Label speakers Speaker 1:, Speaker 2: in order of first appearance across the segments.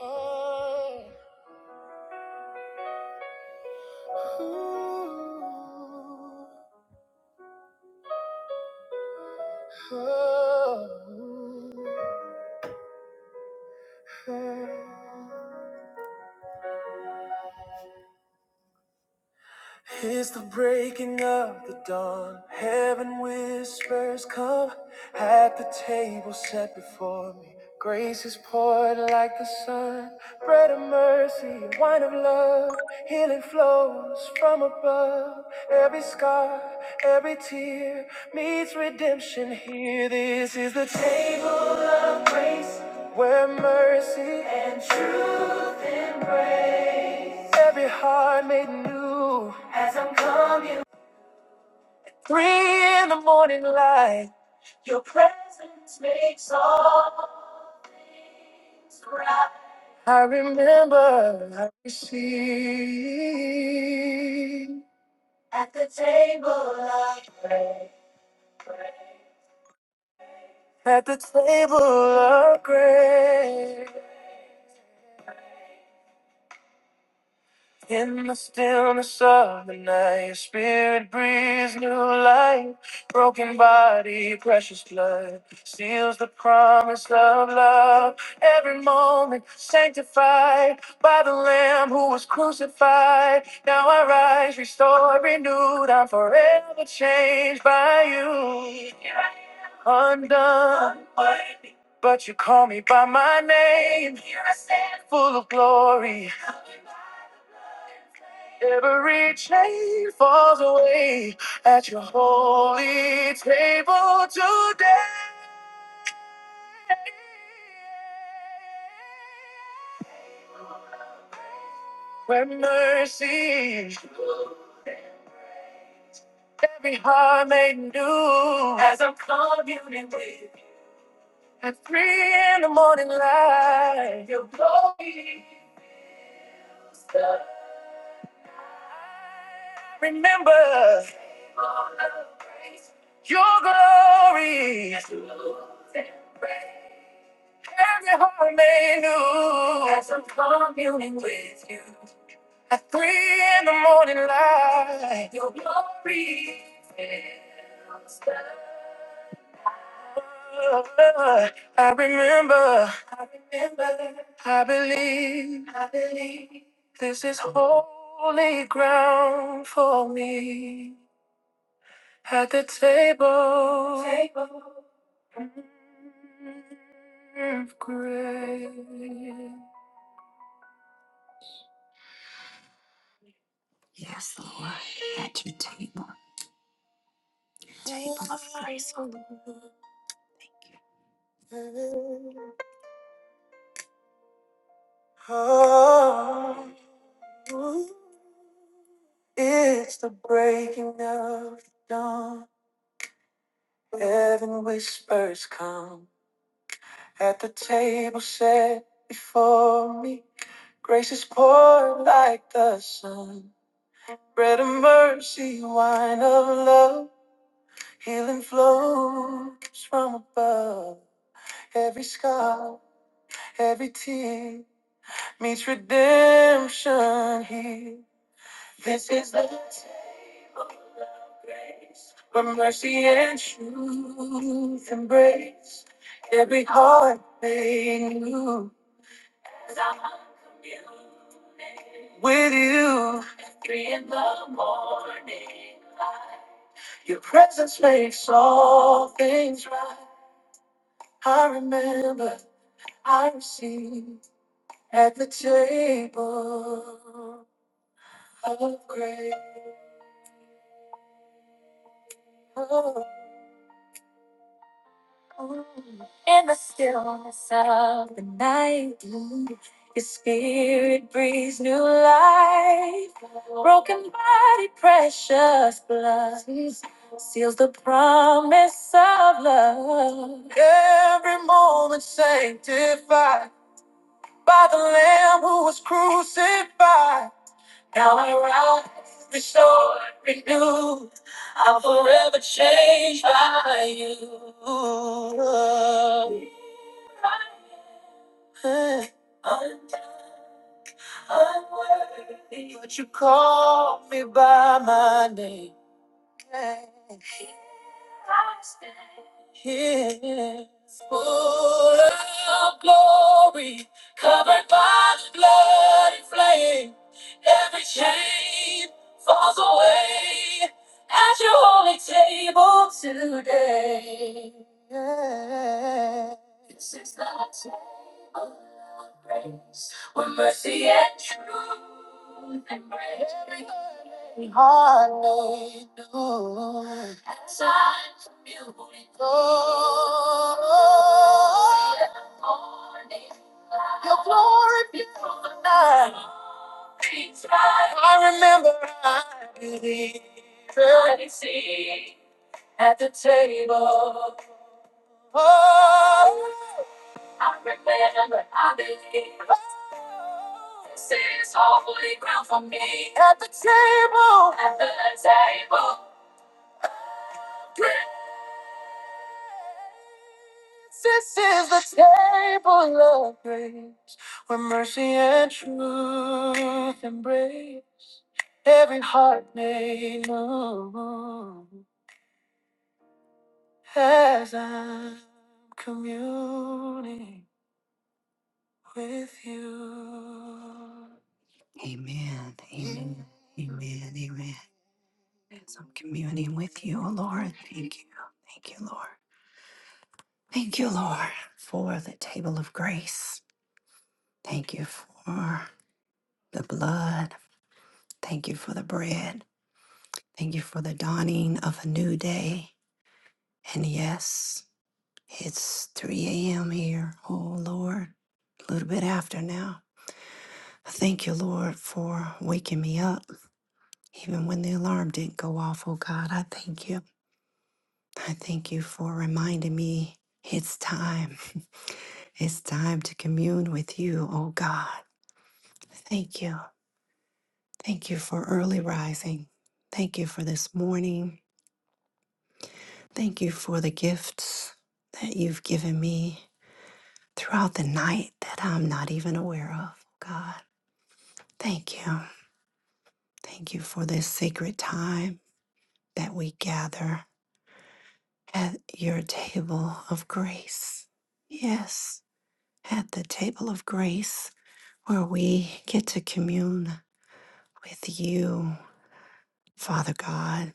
Speaker 1: Oh. Ooh, ooh, It's the breaking of the dawn. Heaven whispers, Come at the table set before me. Grace is poured like the sun, bread of mercy, wine of love. Healing flows from above. Every scar, every tear meets redemption here. This is the table of grace. Where mercy and truth embrace every heart made new as I'm coming. Three in the morning light, your presence makes all. I remember I received at the table of grace. At the table of grace. In the stillness of the night, your spirit breathes new life. Broken body, precious blood, seals the promise of love. Every moment sanctified by the Lamb who was crucified. Now I rise, restored, renewed. I'm forever changed by you. Undone, but you call me by my name, full of glory. Every chain falls away at your holy table today. Where mercy, every heart made new. As at three in the morning light, your glory. Remember your glory. Every home they knew I'm communing with you. At three in the morning light, your glory fills the night. I remember, I remember, I believe, I believe. This is holy ground for me at the table, table. of grace. Oh, it's the breaking of dawn. Heaven whispers come at the table set before me. Grace is poured like the sun. Bread of mercy, wine of love. Healing flows from above. Every scar, every tear meets redemption here. This is the But mercy and truth embrace every heart made new with you. At Three in the morning, your presence makes all things right. I remember I received at the table of grace. In the stillness of the night, your spirit breathes new life. Broken body, precious blood seals the promise of love. Every moment sanctified by the Lamb who was crucified. Now I rise, restored, renewed. I'm forever changed by you. I'm unworthy, but you call me by my name. Yeah. Full of glory, covered by the blood and flame. Every chain falls away at your holy table. Yeah. Hallelujah. Lord, remember I believed. Oh, I prepare what I believe. This is holy ground for me. At the table. At the table. This is the table of grace where mercy and truth embrace every heart made new as I'm communing with you. Amen. Amen. Amen. Amen. As I'm communing with you, O Lord, thank you. Thank you, Lord. Thank you, Lord, for the table of grace. Thank you for the blood. Thank you for the bread. Thank you for the dawning of a new day. And yes, it's 3 a.m. here, oh Lord, a little bit after now. I Thank you, Lord, for waking me up even when the alarm didn't go off, oh God. I thank you. I thank you for reminding me it's time. It's time to commune with you, oh God. Thank you. Thank you for early rising. Thank you for this morning. Thank you for the gifts that you've given me throughout the night that I'm not even aware of, oh God. Thank you. Thank you for this sacred time that we gather at your table of grace. Yes, at the table of grace where we get to commune with you, Father God.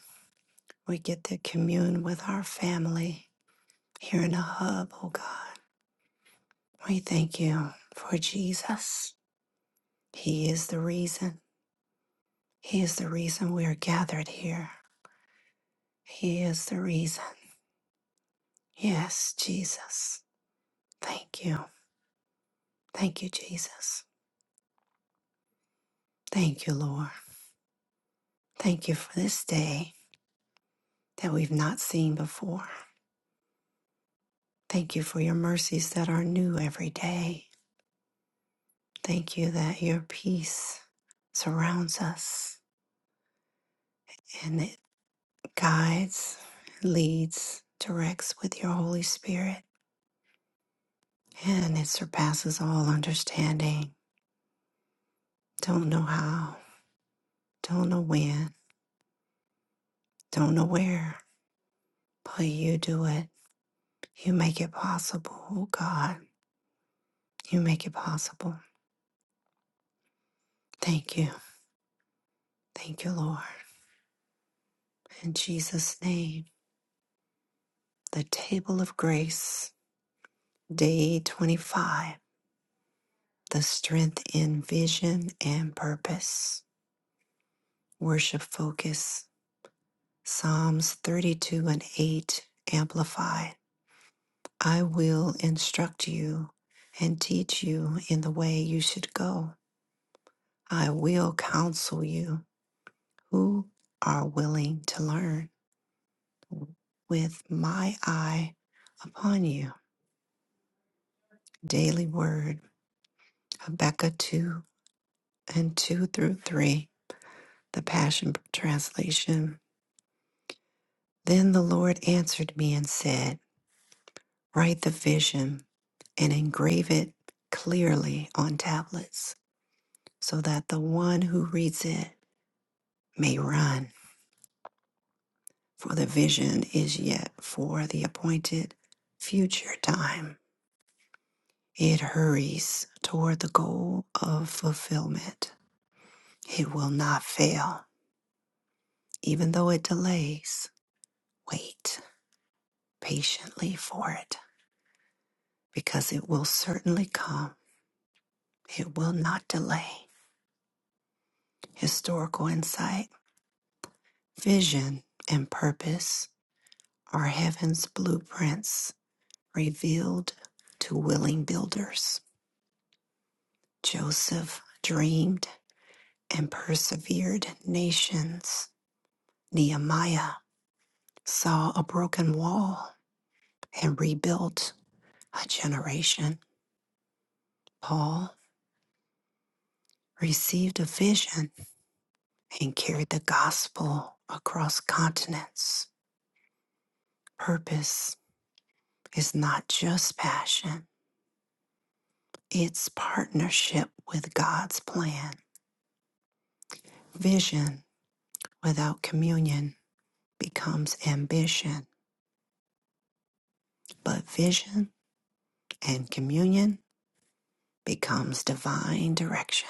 Speaker 1: We get to commune with our family here in the hub, oh God. We thank you for Jesus. He is the reason. He is the reason we are gathered here. He is the reason. Yes, Jesus. Thank you. Thank you, Jesus. Thank you, Lord. Thank you for this day that we've not seen before. Thank you for your mercies that are new every day. Thank you that your peace surrounds us and it guides, leads, directs with your Holy Spirit, and it surpasses all understanding. Don't know how, don't know when, don't know where, but you do it. You make it possible, oh God. You make it possible. Thank you. Thank you, Lord. In Jesus' name, the table of grace, day 25. the strength in vision and purpose. Worship focus. Psalms 32 and 8 amplified. I will instruct you and teach you in the way you should go. I will counsel you who are willing to learn with my eye upon you. Daily Word, Habakkuk 2 and 2 through 3, the Passion Translation. Then the Lord answered me and said, Write the vision and engrave it clearly on tablets so that the one who reads it may run, for the vision is yet for the appointed future time. It hurries toward the goal of fulfillment. It will not fail, even though it delays. Wait patiently for it, because it will certainly come. It will not delay. Historical insight Vision and purpose are heaven's blueprints revealed to willing builders. Joseph dreamed and persevered nations. Nehemiah saw a broken wall and rebuilt a generation. Paul received a vision and carried the gospel across continents. Purpose is not just passion It's partnership with God's plan. Vision without communion becomes ambition, but vision and communion becomes divine direction.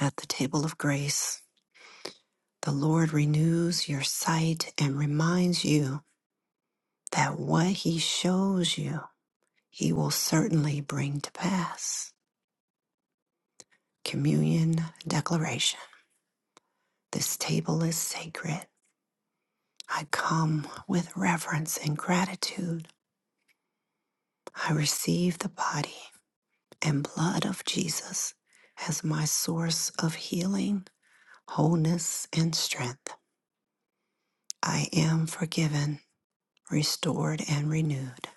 Speaker 1: At the table of grace, the Lord renews your sight and reminds you that what He shows you, He will certainly bring to pass. Communion Declaration This table is sacred. I come with reverence and gratitude I receive the body and blood of Jesus as my source of healing, wholeness, and strength. I am forgiven, restored, and renewed.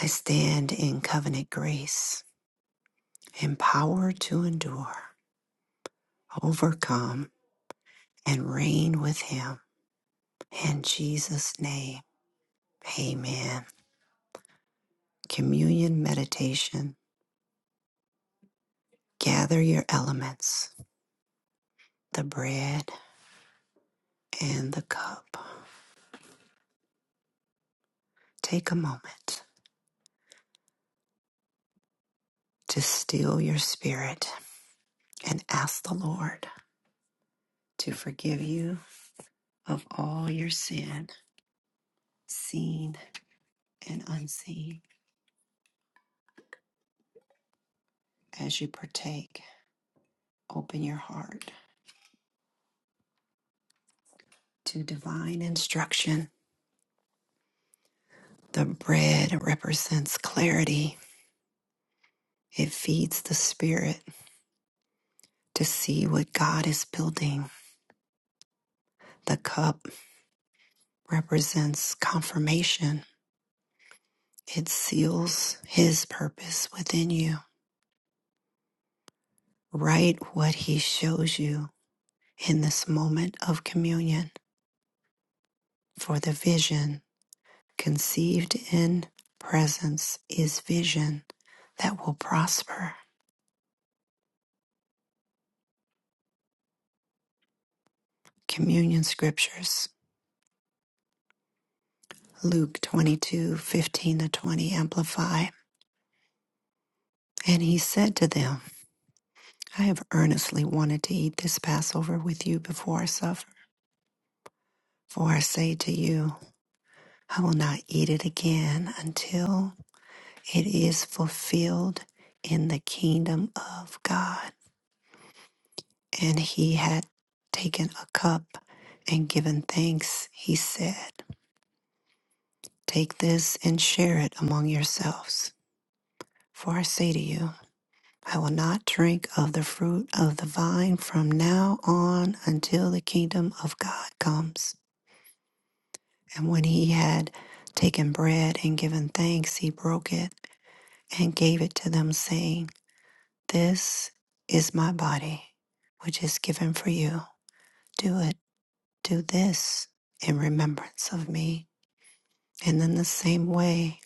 Speaker 1: I stand in covenant grace, empowered to endure, overcome, and reign with Him. In Jesus' name, amen. Communion meditation. Gather your elements, the bread and the cup. Take a moment to still your spirit and ask the Lord to forgive you of all your sin, seen and unseen. As you partake, open your heart to divine instruction. The bread represents clarity, it feeds the spirit to see what God is building. The cup represents confirmation, it seals His purpose within you. Write what He shows you in this moment of communion. For the vision conceived in presence is vision that will prosper. Communion scriptures, Luke twenty-two fifteen to 20, amplify. And he said to them, I have earnestly wanted to eat this Passover with you before I suffer. For I say to you, I will not eat it again until it is fulfilled in the kingdom of God. And he had taken a cup and given thanks. He said, Take this and share it among yourselves. For I say to you, I will not drink of the fruit of the vine from now on until the kingdom of God comes. And when he had taken bread and given thanks, he broke it and gave it to them, saying, This is my body, which is given for you. Do it Do this in remembrance of me. And in the same way,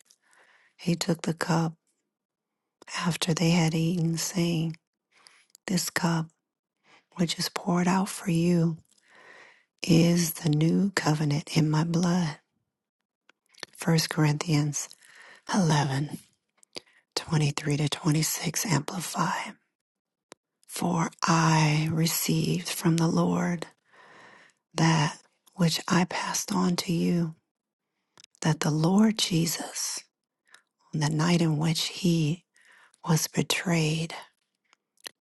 Speaker 1: he took the cup after they had eaten, saying, This cup, which is poured out for you, is the new covenant in my blood. First Corinthians 11 23 to 26 Amplify. For I received from the Lord that which I passed on to you, that the Lord Jesus, on the night in which he was betrayed,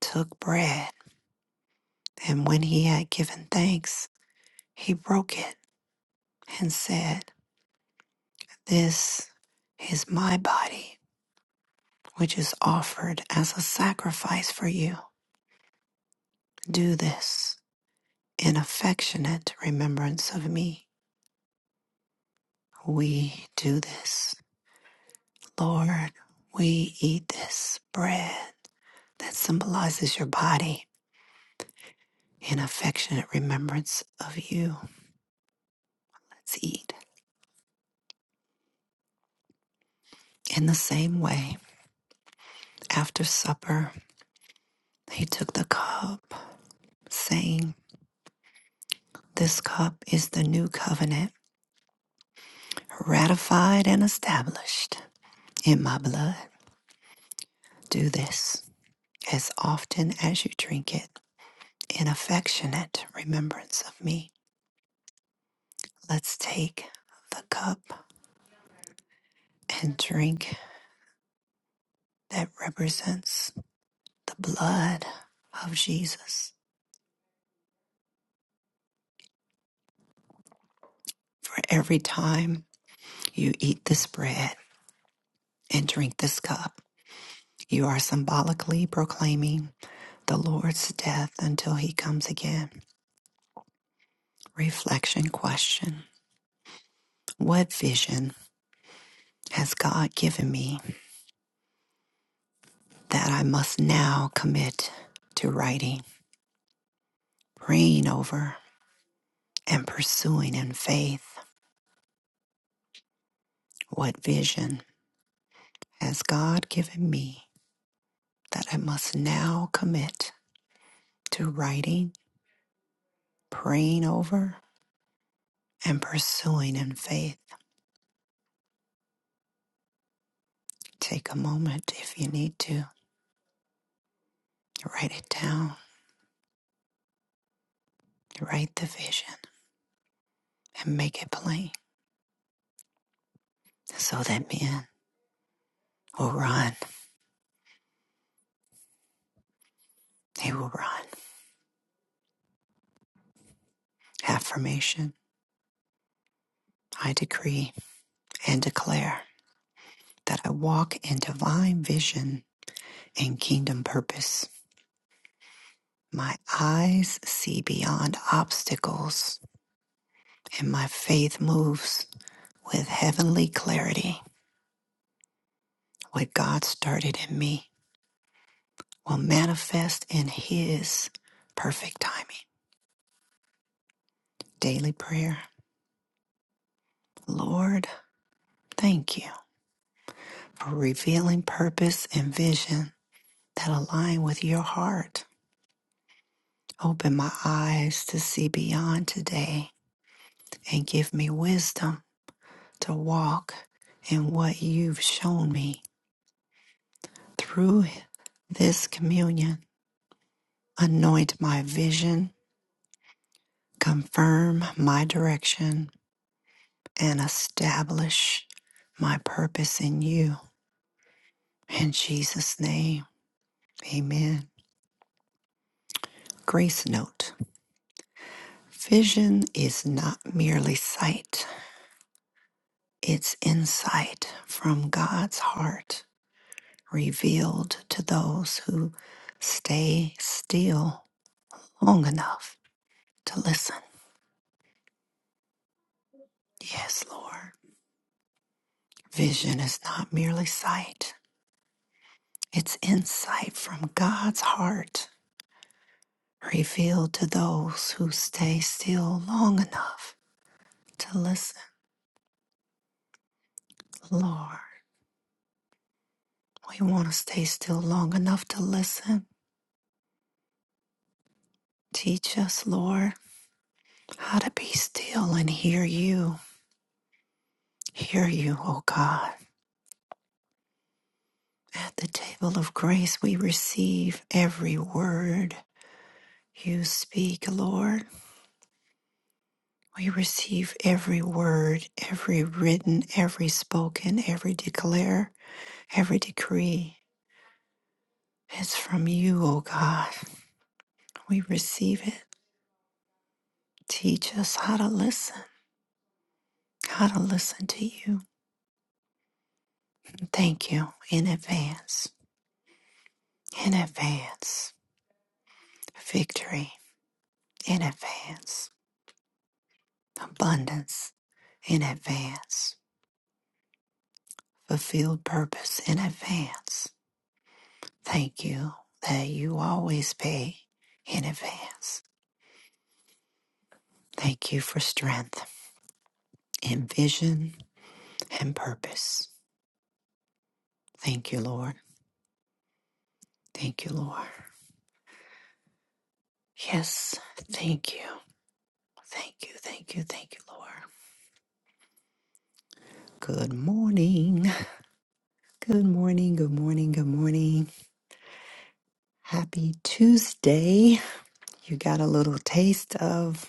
Speaker 1: took bread, and when he had given thanks, he broke it and said, This is my body, which is offered as a sacrifice for you. Do this in affectionate remembrance of me. We do this. Lord, we eat this bread that symbolizes your body in affectionate remembrance of you. Let's eat. In the same way, after supper, He took the cup, saying, This cup is the new covenant, ratified and established in my blood. Do this as often as you drink it in affectionate remembrance of me. Let's take the cup and drink that represents the blood of Jesus. For every time you eat this bread and drink this cup, you are symbolically proclaiming. the Lord's death until he comes again. Reflection question What vision has God given me that I must now commit to writing, praying over, and pursuing in faith? What vision has God given me that I must now commit to writing, praying over, and pursuing in faith? Take a moment if you need to. Write it down. Write the vision and make it plain. So that man will run, he will run. Affirmation I decree and declare that I walk in divine vision and kingdom purpose. My eyes see beyond obstacles, and my faith moves with heavenly clarity. What God started in me will manifest in His perfect timing. Daily prayer Lord, thank you for revealing purpose and vision that align with your heart. Open my eyes to see beyond today and give me wisdom to walk in what you've shown me. Through this communion, anoint my vision, confirm my direction, and establish my purpose in you. In Jesus' name, amen. Grace note Vision is not merely sight. It's insight from God's heart revealed to those who stay still long enough to listen. Yes, Lord. Vision is not merely sight, it's insight from God's heart revealed to those who stay still long enough to listen. Lord, we want to stay still long enough to listen. Teach us, Lord, how to be still and hear you Hear you, O God. At the table of grace, we receive every word you speak, Lord. We receive every word, every written, every spoken, every declare, every decree. It's from you, O God. We receive it. Teach us how to listen, how to listen to you. Thank you in advance, in advance, victory in advance. abundance in advance, fulfilled purpose in advance. Thank you that you always pay in advance. Thank you for strength in vision and purpose. Thank you, Lord. Thank you, Lord. Yes, thank you. Thank you, thank you, thank you, Lord. Good morning. Good morning, good morning, good morning. Happy Tuesday. You got a little taste of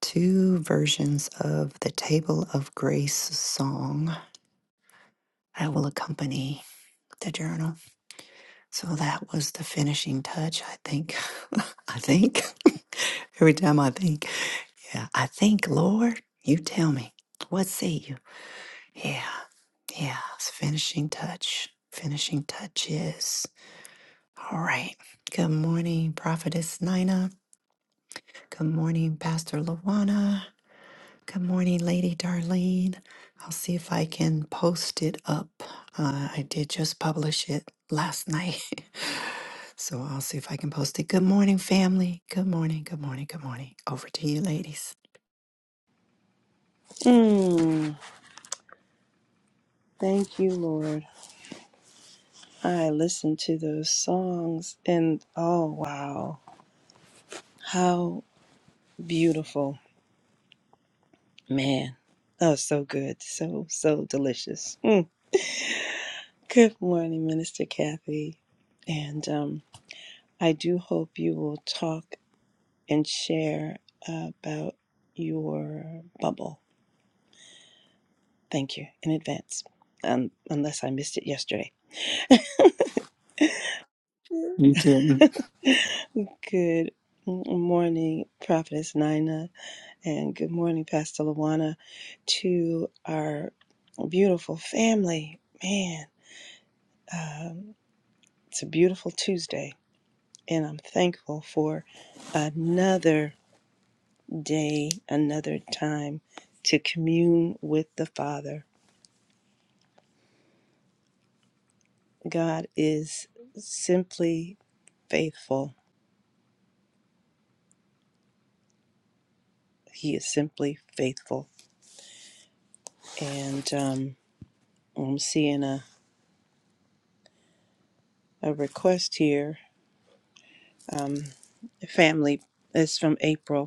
Speaker 1: two versions of the Table of Grace song I will accompany the journal. So that was the finishing touch, I think. I think. Every time I think, yeah, I think, Lord, you tell me. What say you? Yeah, yeah, it's finishing touch. Finishing touches. All right. Good morning, Prophetess Nina. Good morning, Pastor Lawana. Good morning, Lady Darlene. I'll see if I can post it up. Uh, I did just publish it last night. so I'll see if I can post it. Good morning, family. Good morning, good morning, good morning. Over to you, ladies.
Speaker 2: Mm, thank you, Lord. I listened to those songs and oh, wow. How beautiful. Man. Oh, so good. So, so delicious. Mm. Good morning, Minister Kathy. And um, I do hope you will talk and share about your bubble. Thank you in advance, um, unless I missed it yesterday.
Speaker 1: You didn't.
Speaker 2: Good morning, Prophetess Nina. And good morning, Pastor Luana, to our beautiful family. Man, um, it's a beautiful Tuesday, and I'm thankful for another day, another time to commune with the Father. God is simply faithful. He is simply faithful. And um, I'm seeing a, a request here. Um, family, it's from April.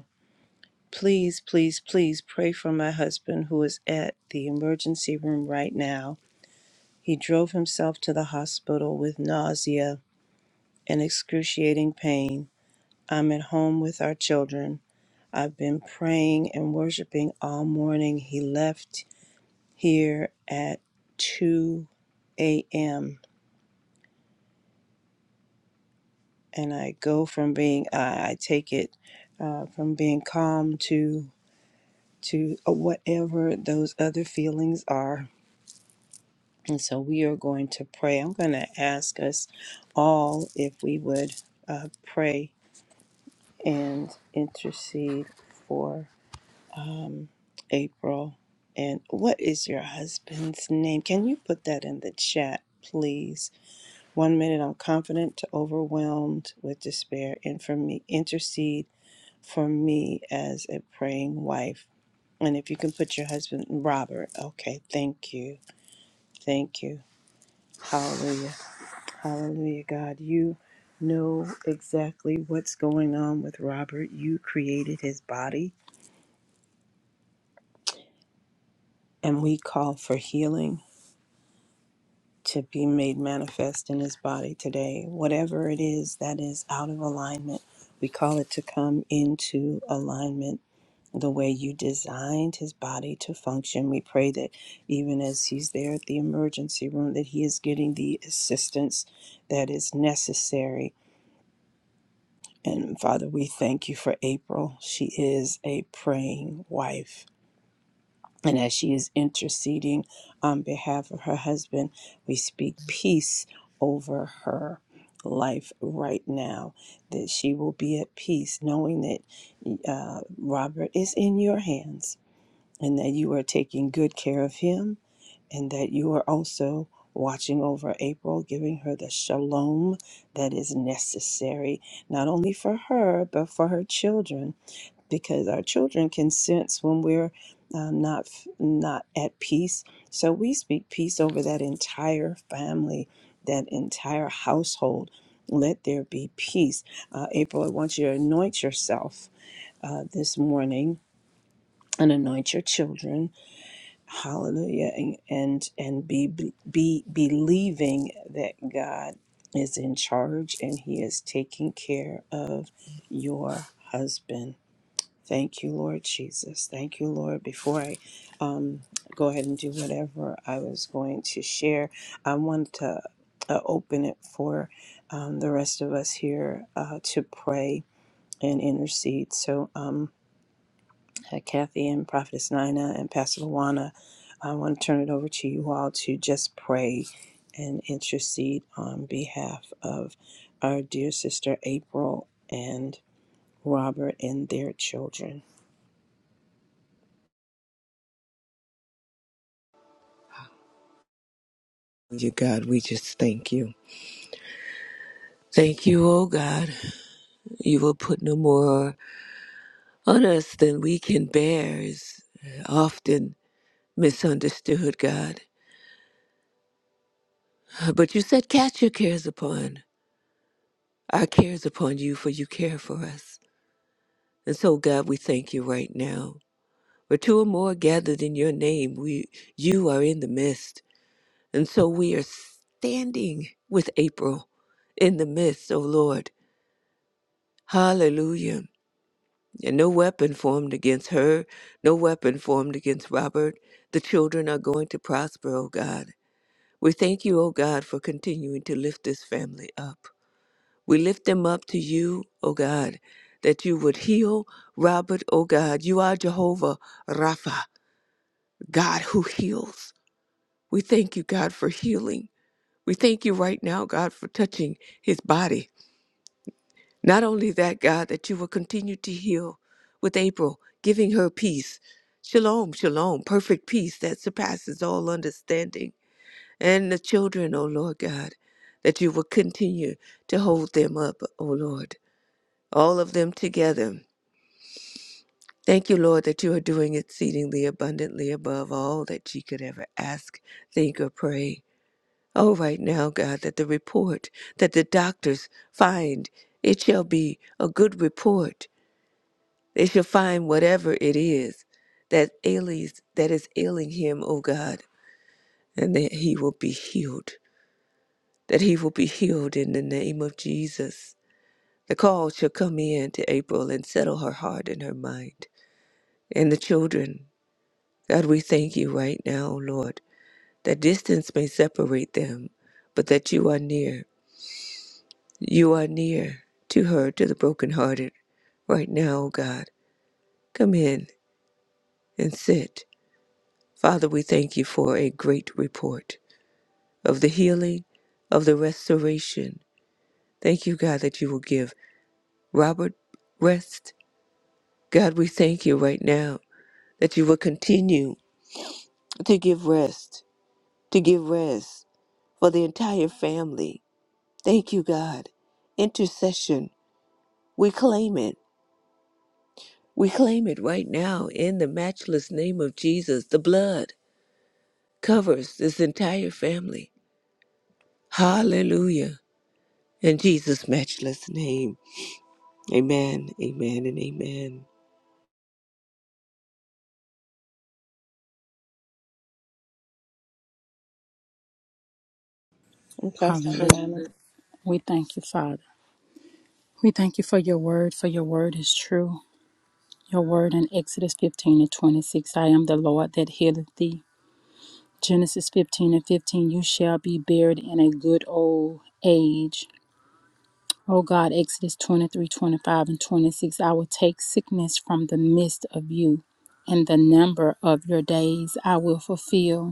Speaker 2: Please, please, please pray for my husband who is at the emergency room right now. He drove himself to the hospital with nausea and excruciating pain. I'm at home with our children. I've been praying and worshiping all morning. He left here at 2 a.m. and I go from being, I I take it uh, from being calm to to uh, whatever those other feelings are And so we are going to pray. I'm going to ask us all if we would uh, pray and intercede for um, April. And what is your husband's name? Can you put that in the chat, please? One minute I'm confident to overwhelmed with despair, and for me, intercede for me as a praying wife. And if you can put your husband, Robert, okay, thank you. Thank you. Hallelujah. Hallelujah, God. You know exactly what's going on with Robert. You created his body, and we call for healing to be made manifest in his body today. Whatever it is that is out of alignment, we call it to come into alignment the way you designed his body to function. We pray that even as he's there at the emergency room that he is getting the assistance that is necessary And Father, we thank you for April. She is a praying wife. And as she is interceding on behalf of her husband, we speak peace over her life right now, that she will be at peace, knowing that uh, Robert is in your hands and that you are taking good care of him and that you are also watching over April, giving her the shalom that is necessary, not only for her, but for her children, because our children can sense when we're um, not not at peace. So we speak peace over that entire family, that entire household. Let there be peace. Uh, April, I want you to anoint yourself uh, this morning and anoint your children Hallelujah. And and, and be, be believing that God is in charge and he is taking care of your husband. Thank you, Lord Jesus. Thank you, Lord. Before I um, go ahead and do whatever I was going to share, I want to uh, open it for um, the rest of us here uh, to pray and intercede. So, um, uh, Kathy and Prophetess Nina and Pastor Luana. I want to turn it over to you all to just pray and intercede on behalf of our dear sister April and Robert and their children.
Speaker 3: You God, we just thank you. Thank you, oh God. You will put no more on us than we can bear is often misunderstood, God. But you said, Cast your cares upon our cares upon you, for you care for us. And so, God, we thank you right now. Where two or more are gathered in your name, we you are in the midst. And so we are standing with April in the midst, oh Lord. Hallelujah. and no weapon formed against her, no weapon formed against Robert. The children are going to prosper, O God. We thank you, O God, for continuing to lift this family up. We lift them up to you, O God, that you would heal Robert, O God. You are Jehovah Rapha, God who heals. We thank you, God, for healing. We thank you right now, God, for touching his body Not only that, God, that you will continue to heal with April, giving her peace. Shalom, shalom, perfect peace that surpasses all understanding. And the children, O Lord God, that you will continue to hold them up, O Lord, all of them together. Thank you, Lord, that you are doing exceedingly abundantly above all that she could ever ask, think, or pray. Oh, right now, God, that the report that the doctors find, it shall be a good report They shall find whatever it is that ails that is ailing him, O God, and that he will be healed. That he will be healed in the name of Jesus. The call shall come in to April and settle her heart and her mind. And the children, God, we thank you right now, O Lord, that distance may separate them, but that you are near. You are near to her, to the brokenhearted. Right now, O God, come in and sit. Father, we thank you for a great report of the healing, of the restoration. Thank you, God, that you will give Robert rest. God, we thank you right now that you will continue to give rest, to give rest for the entire family. Thank you, God. Intercession, we claim it. We claim it right now in the matchless name of Jesus. The blood covers this entire family. Hallelujah. In Jesus' matchless name. Amen, amen, and amen.
Speaker 2: And Pastor
Speaker 4: Hallelujah.
Speaker 2: Luana,
Speaker 4: We thank you, Father. We thank you for your word, for your word is true. Your word in Exodus 15 and 26 I am the Lord that healeth thee. Genesis 15 and 15 You shall be buried in a good old age. O God, Exodus 23, 25, and 26 I will take sickness from the midst of you, and the number of your days I will fulfill.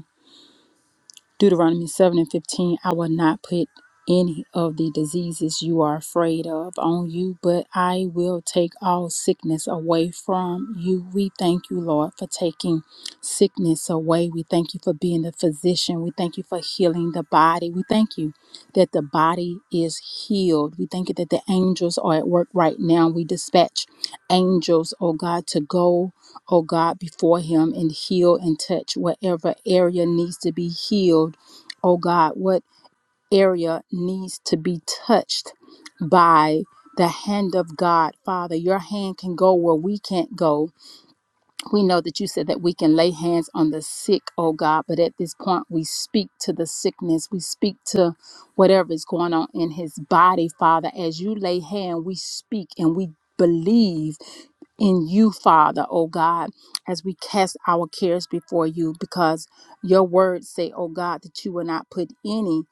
Speaker 4: Deuteronomy 7 and 15, I will not put any of the diseases you are afraid of on you, but I will take all sickness away from you. We thank you, Lord, for taking sickness away. We thank you for being the physician. We thank you for healing the body. We thank you that the body is healed. We thank you that the angels are at work right now. We dispatch angels, oh God, to go oh God, before him and heal and touch whatever area needs to be healed. Oh God, what area needs to be touched by the hand of God, Father. Your hand can go where we can't go we know that you said that we can lay hands on the sick, oh God, but at this point we speak to the sickness. We speak to whatever is going on in his body, Father. As you lay hand, we speak and we believe in you, Father, oh God, as we cast our cares before you, because your words say, oh God, that you will not put any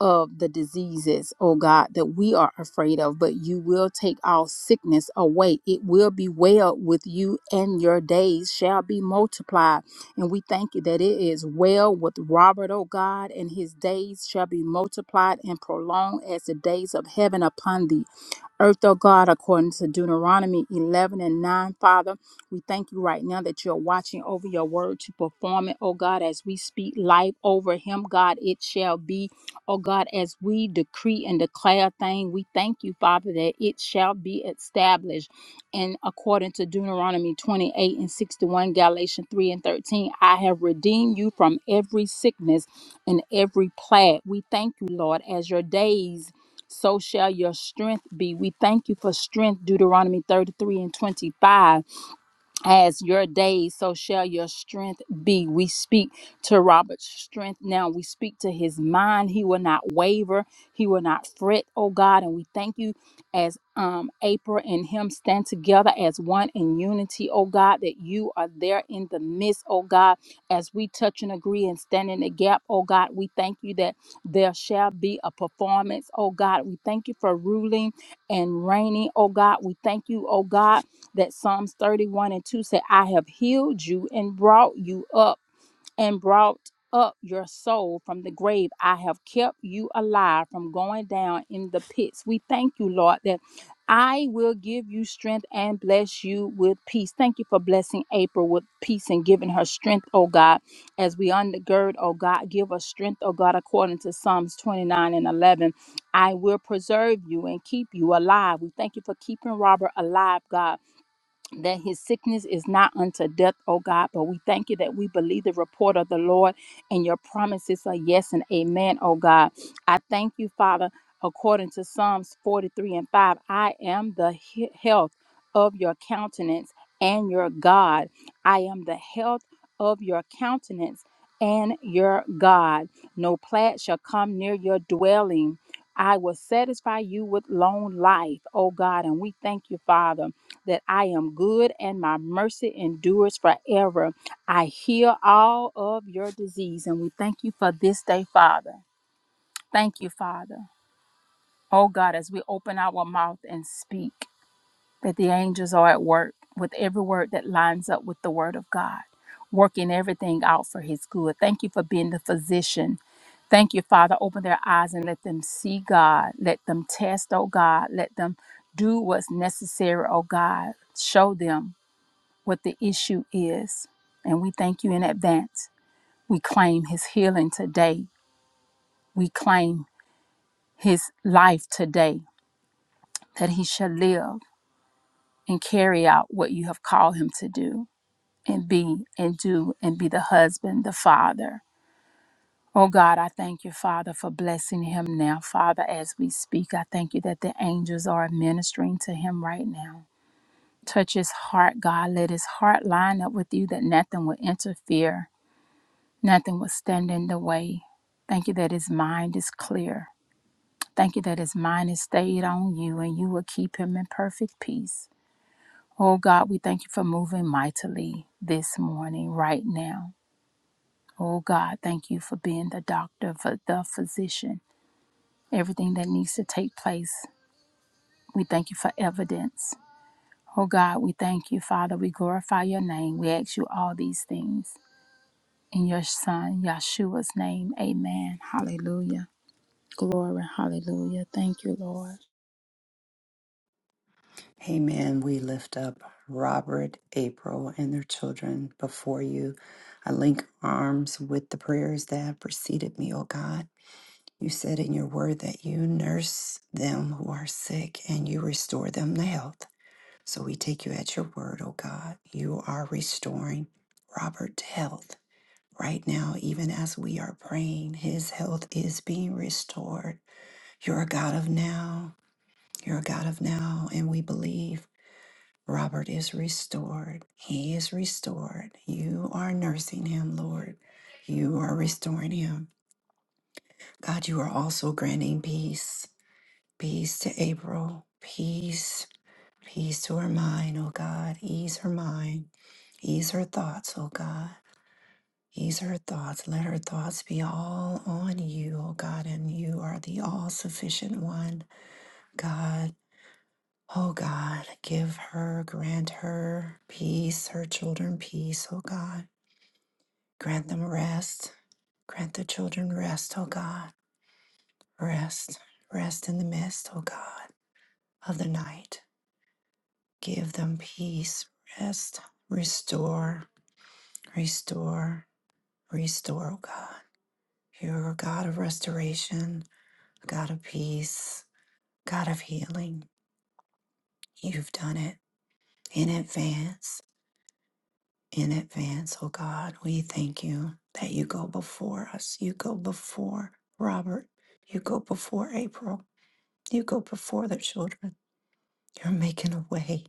Speaker 4: of the diseases, oh God, that we are afraid of, but you will take all sickness away. It will be well with you, and your days shall be multiplied. And we thank you that it is well with Robert, oh God, and his days shall be multiplied and prolonged as the days of heaven upon thee earth, oh God, according to Deuteronomy 11 and 9, Father. We thank you right now that you're watching over your word to perform it, oh God, as we speak life over him, God, it shall be, oh God, as we decree and declare a thing. We thank you, Father, that it shall be established. And according to Deuteronomy 28 and 61, Galatians 3 and 13, I have redeemed you from every sickness and every plague. We thank you, Lord, as your days so shall your strength be. We thank you for strength, Deuteronomy 33 and 25 as your days, so shall your strength be. We speak to Robert's strength now. We speak to his mind. He will not waver. He will not fret, oh God. And we thank you as um, April and him stand together as one in unity, oh God, that you are there in the midst, oh God, as we touch and agree and stand in the gap, oh God. We thank you that there shall be a performance, oh God. We thank you for ruling and reigning, oh God. We thank you, oh God that Psalms 31 and 2 said, I have healed you and brought you up and brought up your soul from the grave. I have kept you alive from going down in the pits. We thank you, Lord, that I will give you strength and bless you with peace. Thank you for blessing April with peace and giving her strength, oh God, as we undergird, oh God, give us strength, oh God, according to Psalms 29 and 11. I will preserve you and keep you alive. We thank you for keeping Robert alive, God that his sickness is not unto death, O God. But we thank you that we believe the report of the Lord and your promises are yes and amen, O God. I thank you, Father, according to Psalms 43 and 5. I am the he- health of your countenance and your God. I am the health of your countenance and your God. No plague shall come near your dwelling. I will satisfy you with long life, O God. And we thank you, Father that I am good and my mercy endures forever. I heal all of your disease, and we thank you for this day, Father. Thank you, Father. Oh God, as we open our mouth and speak, that the angels are at work with every word that lines up with the word of God, working everything out for his good. Thank you for being the physician. Thank you, Father. Open their eyes and let them see God. Let them test, oh God. Let them do what's necessary, oh God. Show them what the issue is. And we thank you in advance. We claim his healing today. We claim his life today, that he shall live and carry out what you have called him to do and be and do and be the husband, the father. Oh God, I thank you, Father, for blessing him now. Father, as we speak, I thank you that the angels are ministering to him right now. Touch his heart, God. Let his heart line up with you that nothing will interfere Nothing will stand in the way. Thank you that his mind is clear. Thank you that his mind is stayed on you and you will keep him in perfect peace. Oh God, we thank you for moving mightily this morning, right now. Oh God, thank you for being the doctor, for the physician, everything that needs to take place. We thank you for evidence. Oh God, we thank you, Father. We glorify your name. We ask you all these things. In your Son, Yeshua's name, amen. Hallelujah. Glory. Hallelujah. Thank you, Lord.
Speaker 1: Amen. We lift up Robert, April, and their children before you. I link arms with the prayers that have preceded me, O God. You said in your word that you nurse them who are sick and you restore them to health. So we take you at your word, oh God. You are restoring Robert to health. Right now, even as we are praying, his health is being restored. You're a God of now. You're a God of now. And we believe Robert is restored. He is restored. You are nursing him, Lord. You are restoring him. God, you are also granting peace. Peace to April. Peace. Peace to her mind, oh God. Ease her mind. Ease her thoughts, oh God. Ease her thoughts. Let her thoughts be all on you, oh God, and you are the all sufficient one, God. Oh God, give her, grant her peace, her children peace, oh God. Grant them rest. Grant the children rest, O God. Rest, rest in the mist, O God, of the night. Give them peace, rest, restore. Restore, restore, oh God. You're a God of restoration, a God of peace, God of healing. You've done it in advance, in advance, oh God. We thank you that you go before us. You go before Robert. You go before April. You go before the children. You're making a way.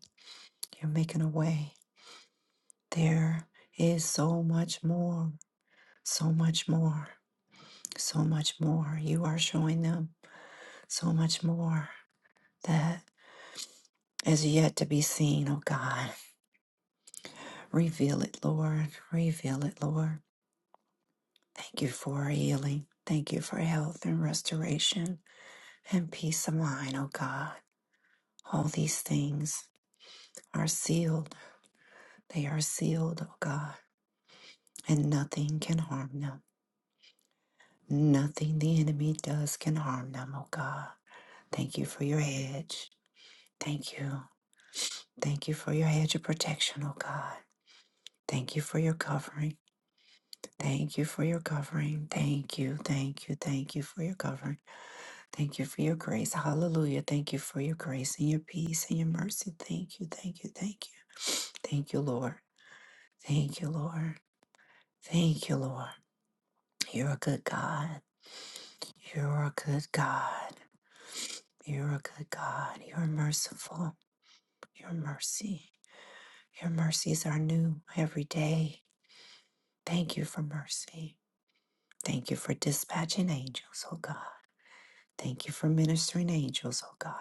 Speaker 1: You're making a way. There is so much more, so much more, so much more. You are showing them. so much more that is yet to be seen, oh God. Reveal it, Lord. Reveal it, Lord. Thank you for healing. Thank you for health and restoration and peace of mind, oh God. All these things are sealed. They are sealed, oh God, and nothing can harm them. Nothing the enemy does can harm them, oh God. Thank you for your hedge. Thank you. Thank you for your hedge of protection, oh God. Thank you for your covering. Thank you for your covering. Thank you, thank you, thank you for your covering. Thank you for your grace. Hallelujah. Thank you for your grace and your peace and your mercy. Thank you, thank you, thank you. Thank you, Lord. Thank you, Lord. Thank you, Lord. You're a good God. You're a good God. You're a good God. You're merciful. Your mercy. Your mercies are new every day. Thank you for mercy. Thank you for dispatching angels, oh God. Thank you for ministering angels, oh God.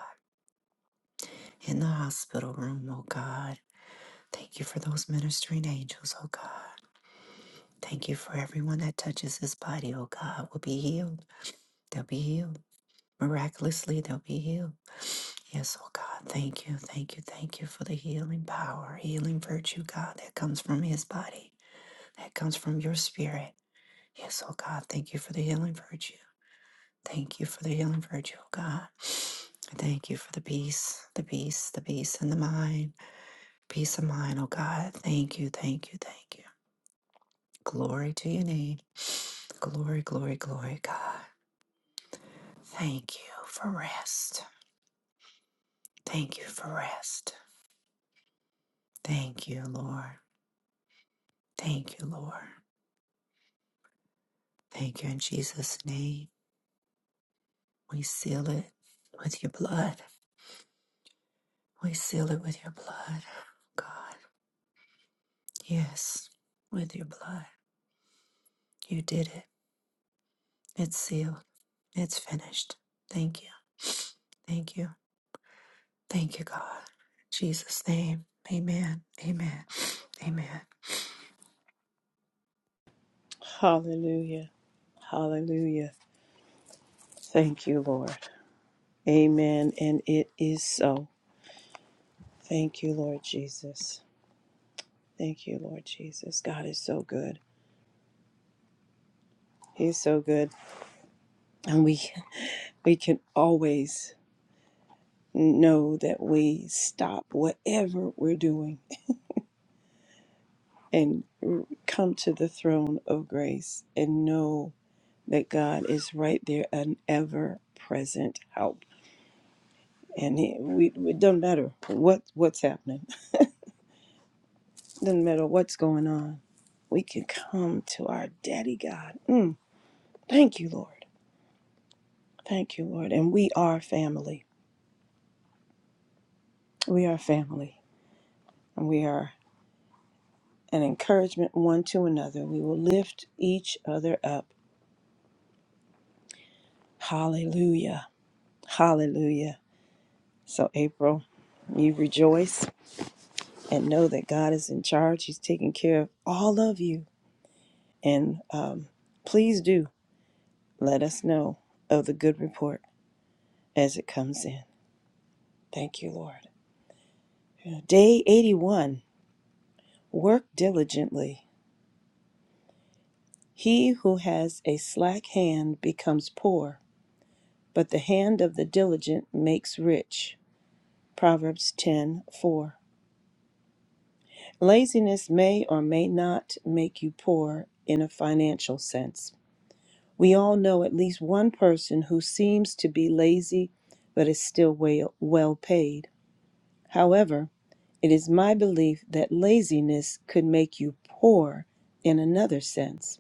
Speaker 1: in the hospital room, oh God. Thank you for those ministering angels, oh God. Thank you for everyone that touches this body, oh God, will be healed. They'll be healed. Miraculously, they'll be healed. Yes, oh God, thank you, thank you, thank you for the healing power, healing virtue, God, that comes from his body, that comes from your spirit. Yes, oh God, thank you for the healing virtue. Thank you for the healing virtue, oh God. Thank you for the peace, the peace, the peace in the mind Peace of mind, oh God. Thank you, thank you, thank you. Glory to your name. Glory, glory, glory, God. Thank you for rest. Thank you for rest. Thank you, Lord. Thank you, Lord. Thank you in Jesus' name. We seal it with your blood. We seal it with your blood, God. Yes, with your blood. You did it. It's sealed. It's finished. Thank you. Thank you. Thank you, God. In Jesus' name. Amen. Amen. Amen.
Speaker 2: hallelujah, hallelujah. Thank you, Lord. Amen. And it is so. Thank you, Lord Jesus. Thank you, Lord Jesus. God is so good. He's so good. And we we can always know that we stop whatever we're doing and r- come to the throne of grace and know that God is right there, an ever present help. And it, we, it doesn't matter what, what's happening, doesn't matter what's going on. We can come to our daddy God. Mm, thank you, Lord. Thank you, Lord. And we are family. We are family. And we are an encouragement one to another. We will lift each other up Hallelujah. Hallelujah. So, April, you rejoice and know that God is in charge. He's taking care of all of you. And um, please do let us know of the good report as it comes in. Thank you, Lord. Yeah. Day 81 Work diligently. He who has a slack hand becomes poor, but the hand of the diligent makes rich. Proverbs ten four. Laziness may or may not make you poor in a financial sense. We all know at least one person who seems to be lazy but is still well, well paid. However, it is my belief that laziness could make you poor in another sense.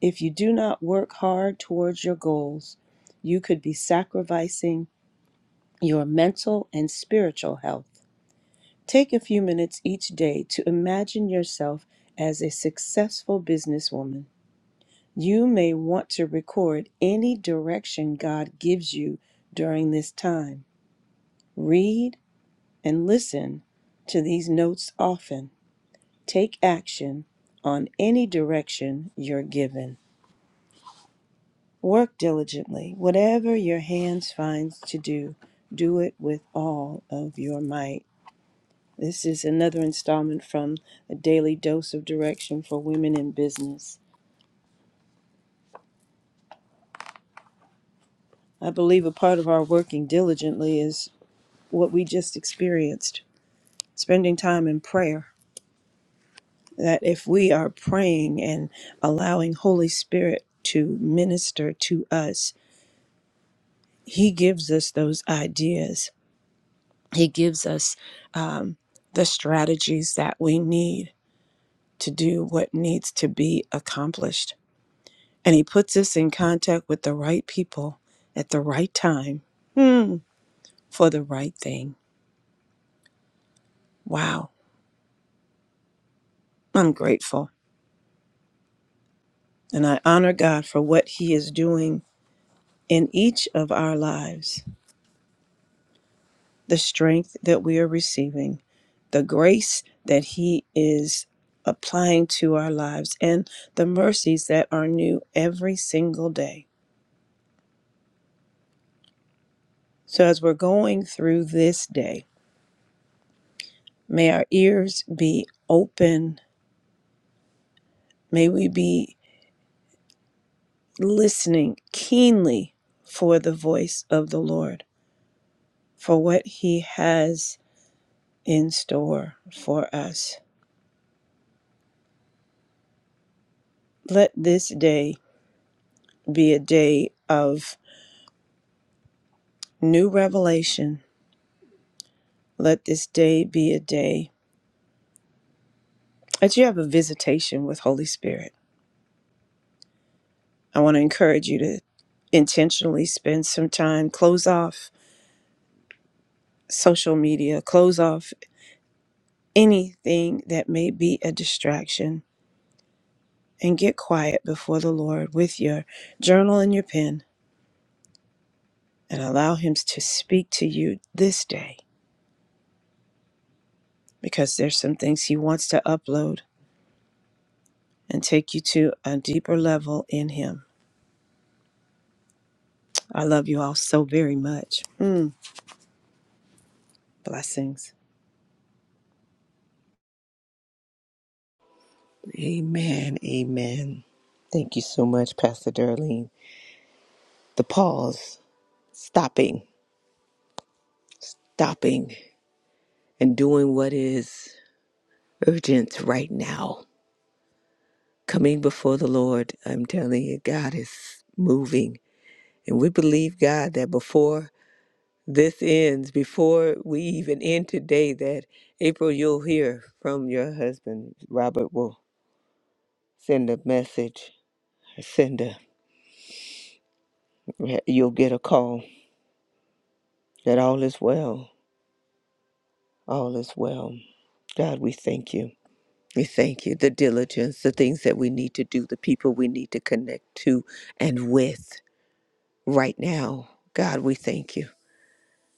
Speaker 2: If you do not work hard towards your goals, you could be sacrificing your mental and spiritual health Take a few minutes each day to imagine yourself as a successful businesswoman. You may want to record any direction God gives you during this time. Read and listen to these notes often. Take action on any direction you're given. Work diligently. Whatever your hands finds to do, do it with all of your might. This is another installment from A Daily Dose of Direction for Women in Business. I believe a part of our working diligently is what we just experienced spending time in prayer. That if we are praying and allowing Holy Spirit to minister to us, He gives us those ideas. He gives us um, the strategies that we need to do what needs to be accomplished. And he puts us in contact with the right people at the right time hmm, for the right thing. Wow. I'm grateful. And I honor God for what he is doing in each of our lives, the strength that we are receiving, the grace that he is applying to our lives, and the mercies that are new every single day. So as we're going through this day, may our ears be open. May we be listening keenly for the voice of the Lord, for what He has in store for us. Let this day be a day of new revelation. Let this day be a day that you have a visitation with Holy Spirit. I want to encourage you to intentionally spend some time, close off social media, close off anything that may be a distraction and get quiet before the Lord with your journal and your pen and allow Him to speak to you this day because there's some things He wants to upload and take you to a deeper level in Him. I love you all so very much. Mm, blessings.
Speaker 3: Amen, amen. Thank you so much, Pastor Darlene. The pause, stopping, stopping, and doing what is urgent right now. Coming before the Lord, I'm telling you, God is moving. And we believe, God, that before this ends, before we even end today, that April, you'll hear from your husband. Robert will send a message, send a, you'll get a call that all is well. All is well. God, we thank you. We thank you. The diligence, the things that we need to do, the people we need to connect to and with right now. God, we thank you.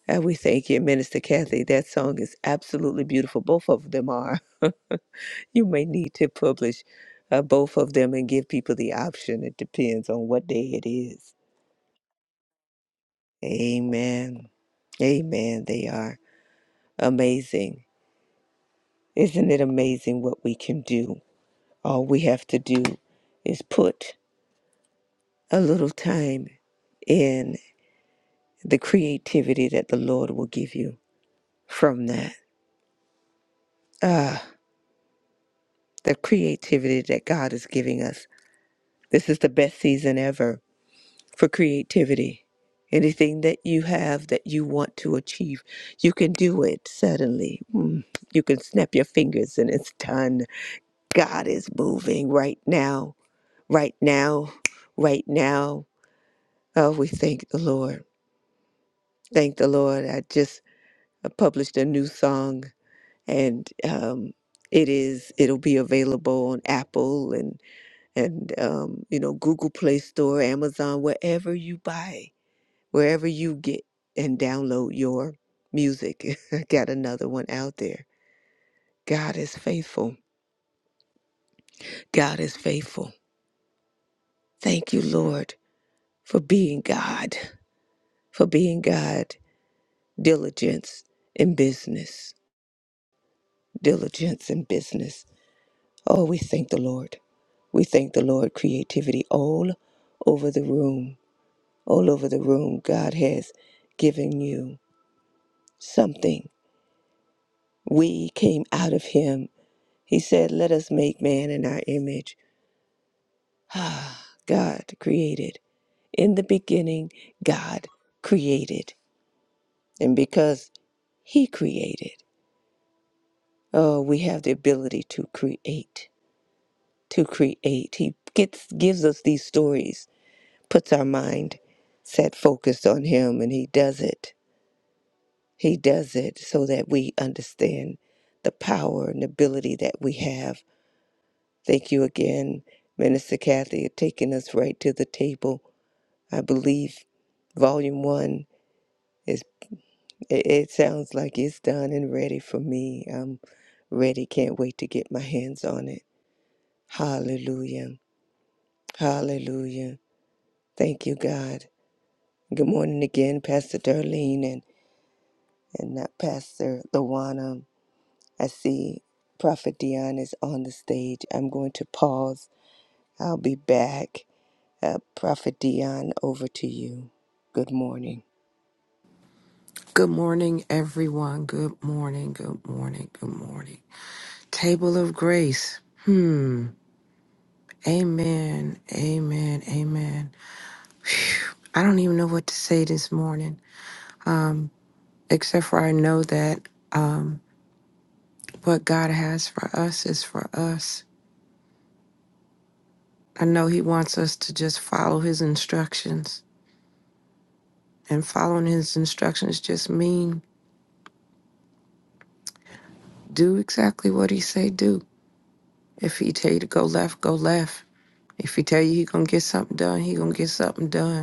Speaker 3: And we thank you, Minister Kathy. That song is absolutely beautiful. Both of them are. you may need to publish uh, both of them and give people the option. It depends on what day it is. Amen. Amen. They are amazing. Isn't it amazing what we can do? All we have to do is put a little time in the creativity that the Lord will give you from that. Ah, the creativity that God is giving us. This is the best season ever for creativity. Anything that you have that you want to achieve, you can do it suddenly. Mm, You can snap your fingers and it's done. God is moving right now, right now, right now. Oh, we thank the Lord. Thank the Lord. I just uh, published a new song and um, it is it'll be available on Apple and and um, you know Google Play Store, Amazon, wherever you buy, wherever you get and download your music. I got another one out there. God is faithful. God is faithful. Thank you, Lord, for being God, for being God. Diligence in business. Diligence in business. Oh, we thank the Lord. We thank the Lord. Creativity all over the room, all over the room. God has given you something. We came out of Him. He said, Let us make man in our image. Ah, God created. In the beginning, God created. And because He created, oh, we have the ability to create, to create. He gets, gives us these stories puts our mind set focused on Him, and He does it. He does it so that we understand the power and ability that we have. Thank you again, Minister Kathy, for taking us right to the table. I believe Volume One is. It, it sounds like it's done and ready for me. I'm ready. Can't wait to get my hands on it. Hallelujah. Hallelujah. Thank you, God. Good morning again, Pastor Darlene and. and not Pastor Lawana. I see Prophet Dion is on the stage. I'm going to pause. I'll be back. Uh, Prophet Dion, over to you. Good morning.
Speaker 5: Good morning, everyone. Good morning. Good morning. Good morning. Table of grace. Amen. Amen. Amen. I don't even know what to say this morning, except for I know that um, what God has for us is for us. I know He wants us to just follow His instructions, and following His instructions just mean do exactly what He say do. If He tell you to go left, go left. If He tell you He gonna get something done, He gonna get something done.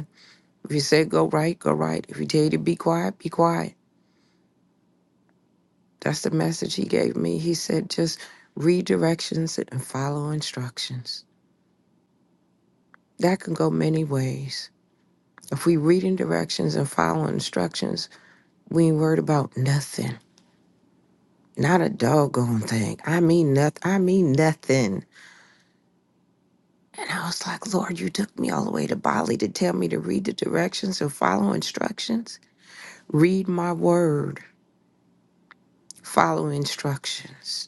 Speaker 5: If he said go right, go right. If he tell you to be quiet, be quiet. That's the message he gave me. He said just read directions and follow instructions. That can go many ways. If we reading directions and follow instructions, we ain't worried about nothing. Not a doggone thing. I mean nothing. I mean nothing. And I was like, Lord, you took me all the way to Bali to tell me to read the directions and follow instructions. Read my word, follow instructions.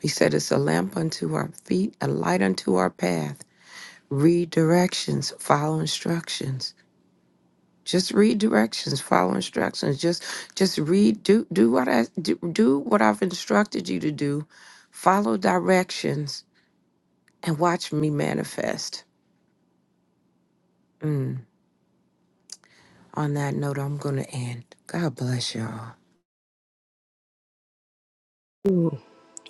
Speaker 5: He said, It's a lamp unto our feet, a light unto our path. Read directions, follow instructions. Just read directions, follow instructions. Just just read, do do what I do, do what I've instructed you to do. Follow directions and watch me manifest. Mm. On that note, I'm gonna end. God bless y'all.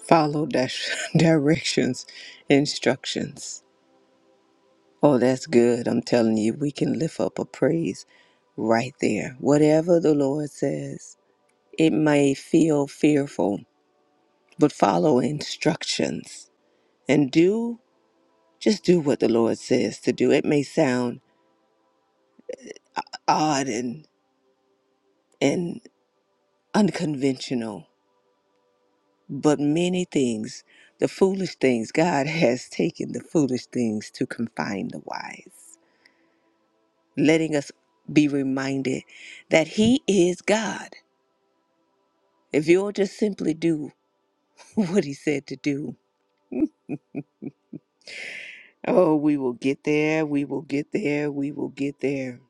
Speaker 3: Follow dash directions, instructions. Oh, that's good. I'm telling you, we can lift up a praise right there. Whatever the Lord says, it may feel fearful, but follow instructions and do just do what the Lord says to do. It may sound odd and and unconventional but many things the foolish things god has taken the foolish things to confine the wise letting us be reminded that he is god if you'll just simply do what he said to do oh we will get there we will get there we will get there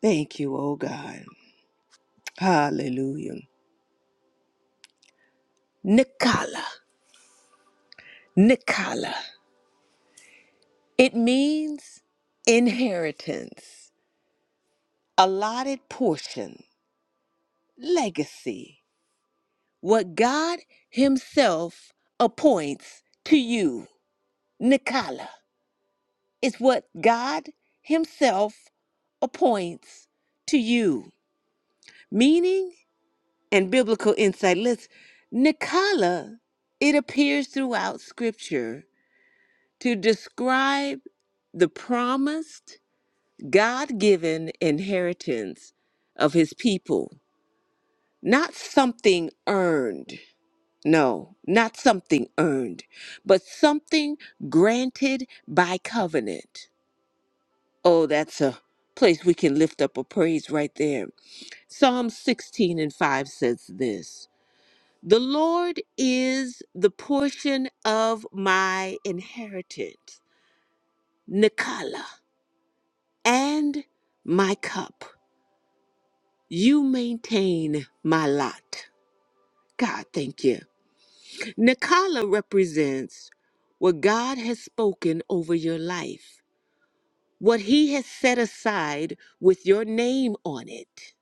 Speaker 3: thank you oh god hallelujah nikala nikala it means inheritance allotted portion, legacy, what God Himself appoints to you. Nikala is what God Himself appoints to you. Meaning and biblical insight. Let's Nikala, it appears throughout scripture to describe the promised, God given inheritance of his people, not something earned No, not something earned, but something granted by covenant. Oh, that's a place we can lift up a praise right there. Psalm 16 and 5 says this The Lord is the portion of my inheritance, Nikala, and my cup. You maintain my lot. God, thank you. Nikala represents what God has spoken over your life, what He has set aside with your name on it.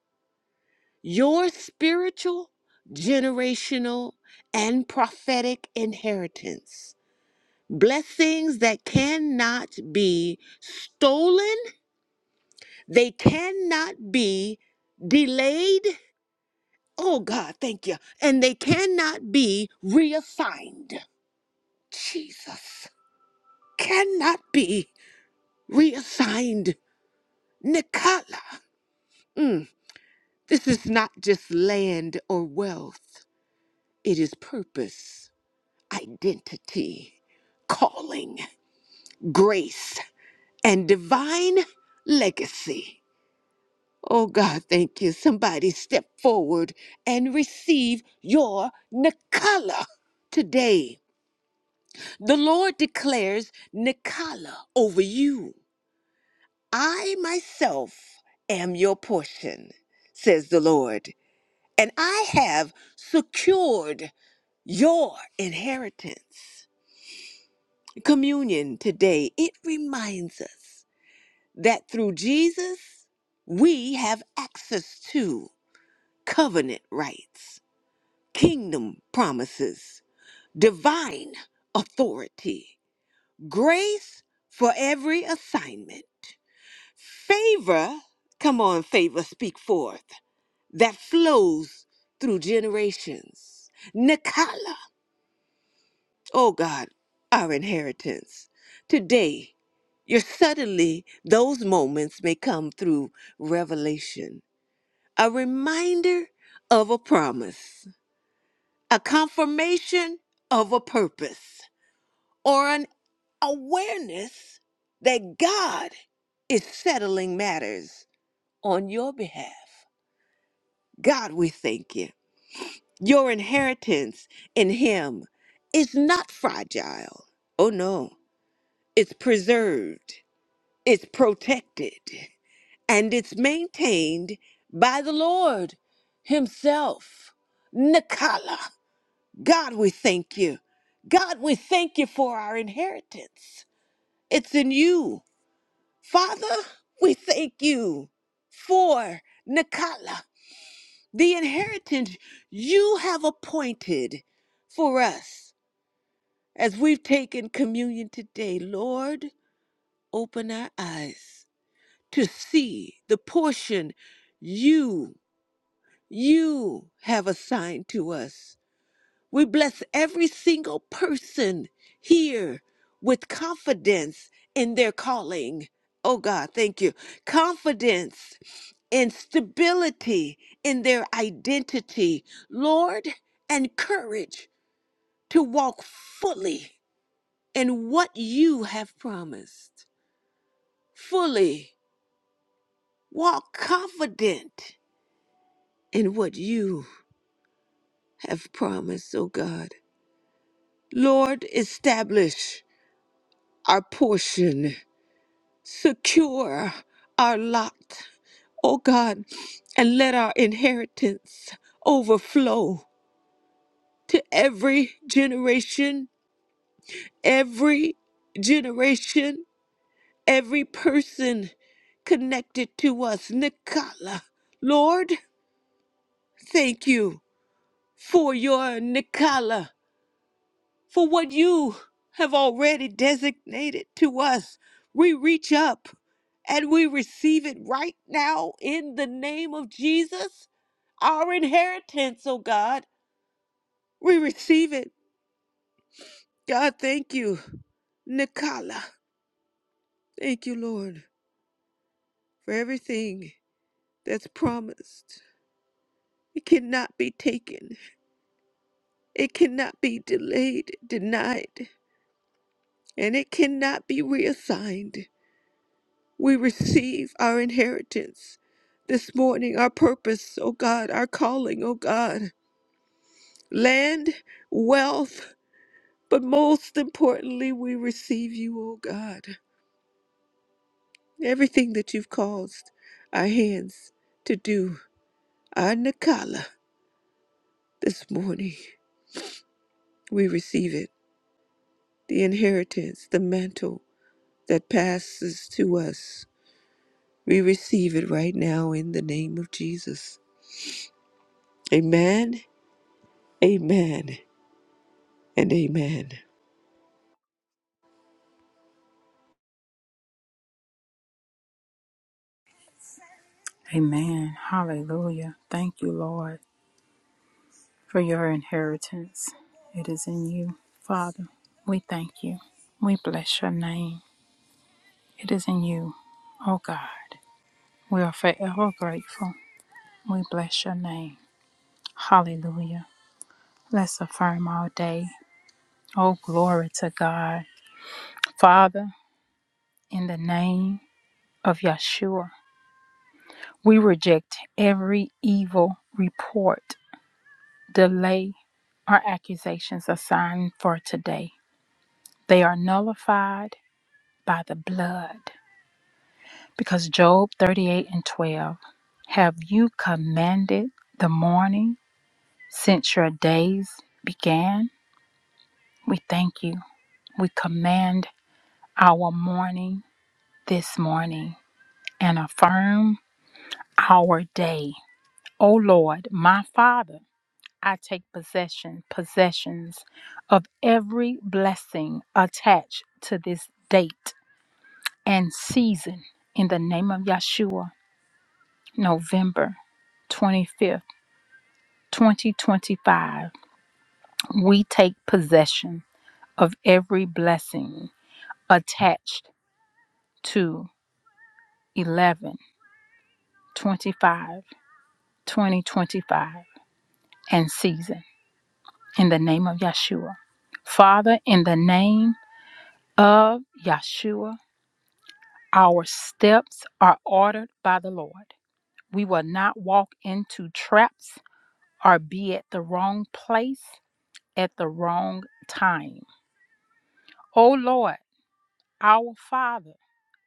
Speaker 3: Your spiritual, generational, and prophetic inheritance. Blessings that cannot be stolen, they cannot be delayed. Oh God, thank you. And they cannot be reassigned. Jesus cannot be reassigned Nikala. Mm, this is not just land or wealth, it is purpose, identity, calling, grace, and divine legacy. Oh God, thank you. Somebody step forward and receive your Nikala today. The Lord declares Nikala over you. I myself am your portion, says the Lord. and I have secured your inheritance. Communion today, it reminds us that through Jesus, we have access to covenant rights, kingdom promises, divine authority, grace for every assignment, favor, come on, favor, speak forth, that flows through generations. Nikala Oh God, our inheritance. Today, your suddenly, those moments may come through revelation, a reminder of a promise, a confirmation of a purpose, or an awareness that God is settling matters on your behalf. God, we thank you. Your inheritance in Him is not fragile. Oh no, it's preserved It's protected and it's maintained by the Lord Himself. Nikala. God, we thank you. God, we thank you for our inheritance. It's in you. Father, we thank you for Nikala, the inheritance you have appointed for us as we've taken communion today. Lord, open our eyes to see the portion you you have assigned to us. We bless every single person here with confidence in their calling. Oh God, thank you. Confidence and stability in their identity, Lord, and courage to walk fully in what you have promised. Fully walk confident and what you have promised, O God. Lord, establish our portion, secure our lot, O God, and let our inheritance overflow to every generation, every generation, every person connected to us. Nikala, Lord, thank you for your Nikala. for what you have already designated to us. We reach up and we receive it right now in the name of Jesus, our inheritance, oh God. We receive it. God, thank you. Nicola, thank you, Lord, for everything that's promised. It cannot be taken, it cannot be delayed, denied, and it cannot be reassigned. We receive our inheritance this morning, our purpose, O God, our calling, O God. Land, wealth, but most importantly, we receive you, O God. Everything that you've caused our hands to do, our Nakala, this morning, we receive it. The inheritance, the mantle that passes to us, we receive it right now in the name of Jesus. Amen. Amen. and amen.
Speaker 4: Amen. Hallelujah. Thank you, Lord, for your inheritance. It is in you. Father, we thank you. We bless your name. It is in you, oh God. We are forever grateful. We bless your name. Hallelujah. Let's affirm all day. Oh, glory to God. Father, in the name of Yeshua, we reject every evil report Delay are accusations assigned for today. They are nullified by the blood. Because Job 38 and 12, have you commanded the morning since your days began? We thank you. We command our morning this morning and affirm our day. O Lord, my Father. I take possession, possessions of every blessing attached to this date and season in the name of Yeshua, November 25th, 2025. We take possession of every blessing attached to 11 25, 2025, and season in the name of Yeshua. Father, in the name of Yeshua. Our steps are ordered by the Lord. We will not walk into traps or be at the wrong place at the wrong time. O Lord, our Father,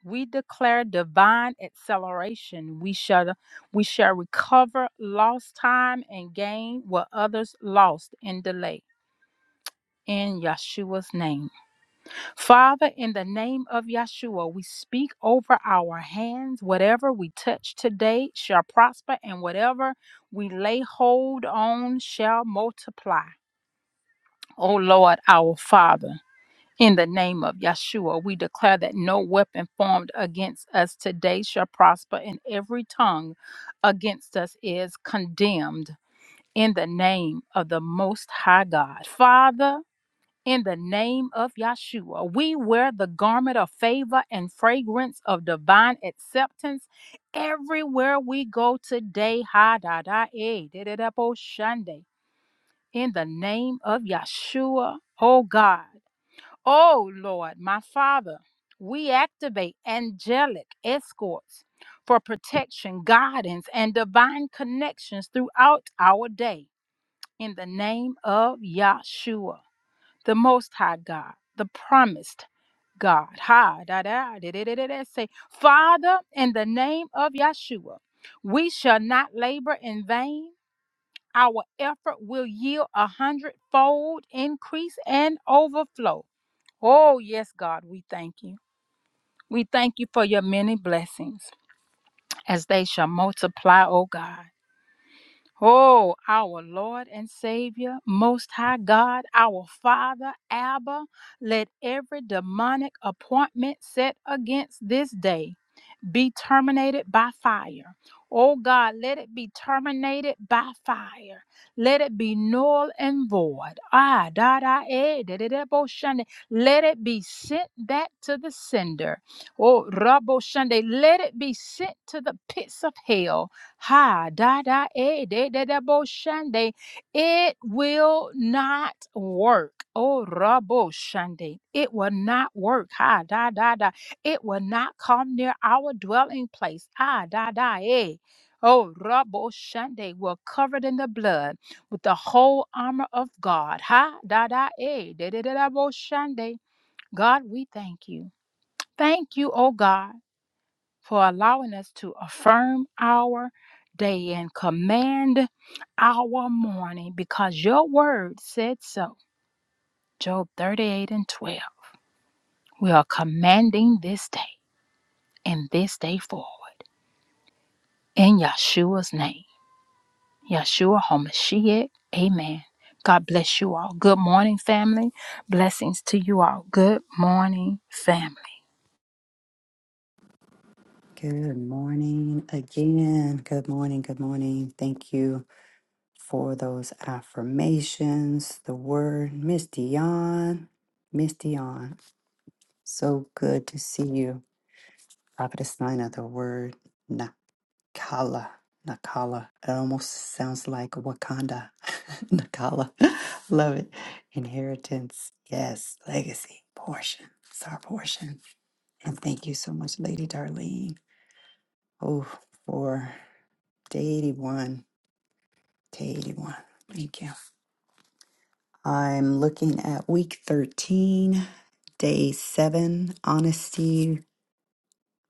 Speaker 4: we declare divine acceleration. We shall we shall recover lost time and gain what others lost in delay. In Yeshua's name. Father, in the name of Yeshua, we speak over our hands. Whatever we touch today shall prosper, and whatever we lay hold on shall multiply. O Lord, our Father, in the name of Yeshua, we declare that no weapon formed against us today shall prosper, and every tongue against us is condemned. In the name of the Most High God. Father, in the name of Yahshua. We wear the garment of favor and fragrance of divine acceptance everywhere we go today. Ha da da eh, da da da bo shande. In the name of Yahshua, oh God, oh Lord, my Father, we activate angelic escorts for protection, guidance, and divine connections throughout our day. In the name of Yahshua the Most High God, the promised God. Ha da da da da da da. da. Say, Father, in the name of Yeshua, we shall not labor in vain. Our effort will yield a hundredfold increase and overflow. Oh, yes, God, we thank you. We thank you for your many blessings as they shall multiply, oh God. Oh, our Lord and Savior, Most High God, our Father, Abba, let every demonic appointment set against this day be terminated by fire. Oh God, let it be terminated by fire. Let it be null and void. Ah, da da eh, da da da bo shande. Let it be sent back to the sender. Oh, rabo shande. Let it be sent to the pits of hell. Ha da da eh, da da da bo shande. It will not work. Oh, rabo shande. It will not work. Ha da da da. It will not come near our dwelling place. Ah, da, da, eh. Oh, Rabo Shande, we're covered in the blood with the whole armor of God. Ha, da, da, eh. Da, da, da, da, bo Shande. God, we thank you. Thank you, oh God, for allowing us to affirm our day and command our morning because your word said so. Job 38 and 12. We are commanding this day and this day forward. In Yeshua's name, Yahshua HaMashiach, amen. God bless you all. Good morning, family. Blessings to you all. Good morning, family.
Speaker 1: Good morning again. Good morning. Good morning. Thank you for those affirmations, the word, Miss Dion. Miss Dion, so good to see you. Prophetess Nina, the word, Kala, Nakala. It almost sounds like Wakanda. Nakala. Love it. Inheritance. Yes. Legacy. Portion. It's our portion. And thank you so much, Lady Darlene. Oh, for day 81. Day 81. Thank you. I'm looking at week 13, day 7, honesty,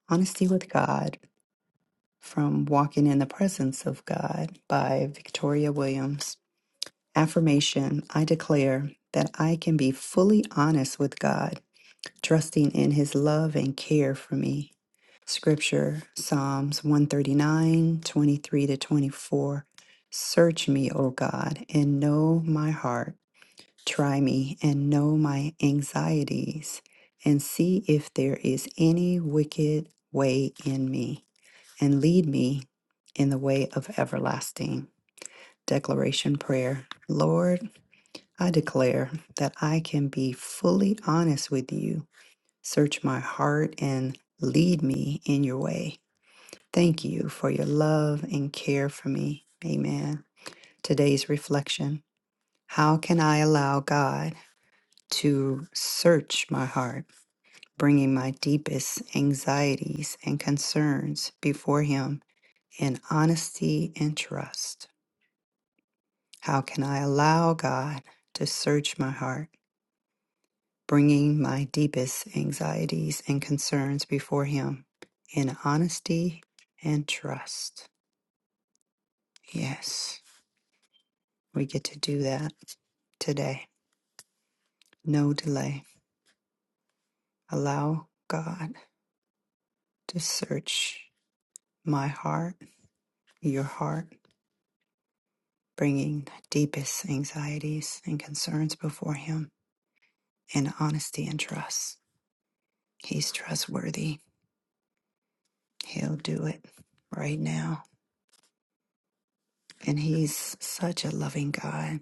Speaker 1: honesty with God from Walking in the Presence of God by Victoria Williams. Affirmation I declare that I can be fully honest with God, trusting in His love and care for me. Scripture Psalms one thirty nine twenty three to 24. Search me, O God, and know my heart. Try me and know my anxieties, and see if there is any wicked way in me, and lead me in the way of everlasting. Declaration Prayer. Lord, I declare that I can be fully honest with you. Search my heart and lead me in your way. Thank you for your love and care for me. Amen. Today's reflection How can I allow God to search my heart, bringing my deepest anxieties and concerns before Him in honesty and trust? How can I allow God to search my heart? bringing my deepest anxieties and concerns before Him in honesty and trust. Yes, we get to do that today. No delay. Allow God to search my heart, your heart, bringing deepest anxieties and concerns before Him in honesty and trust. He's trustworthy. He'll do it right now. And He's such a loving God.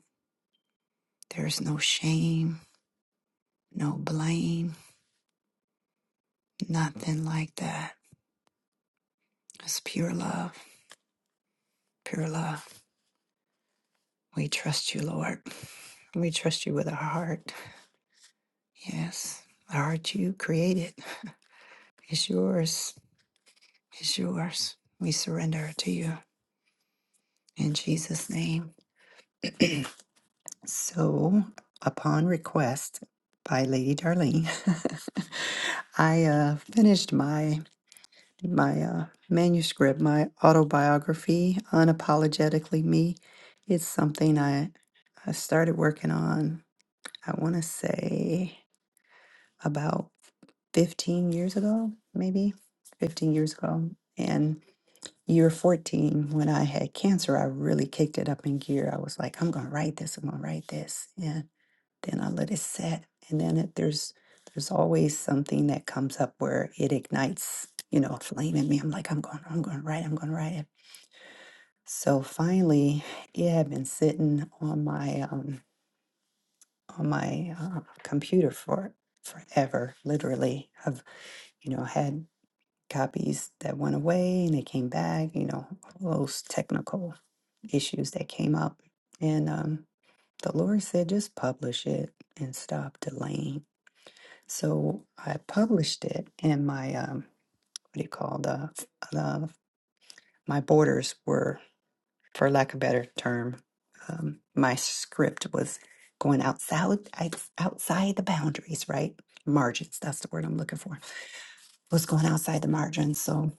Speaker 1: There's no shame, no blame, nothing like that. It's pure love, pure love. We trust you, Lord. We trust you with our heart. Yes, the heart you created is yours, is yours. We surrender it to you in Jesus' name. So, upon request by Lady Darlene, I uh, finished my. my uh, manuscript, my autobiography, Unapologetically Me. It's something I, I started working on, I want to say about 15 years ago, maybe 15 years ago. And year 14, when I had cancer, I really kicked it up in gear. I was like, I'm going to write this, I'm going to write this. And then I let it set. And then it, there's there's always something that comes up where it ignites, you know, a flame in me. I'm like, I'm going, I'm going to write, I'm going to write. So finally, it had been sitting on my um on my uh, computer for forever, literally. I've you know had copies that went away and they came back. You know all those technical issues that came up, and um, the Lord said just publish it and stop delaying. So I published it, and my um what do you call the the my borders were. for lack of a better term, um, my script was going outside outside the boundaries, right? Margins. That's the word I'm looking for. Was going outside the margins. So,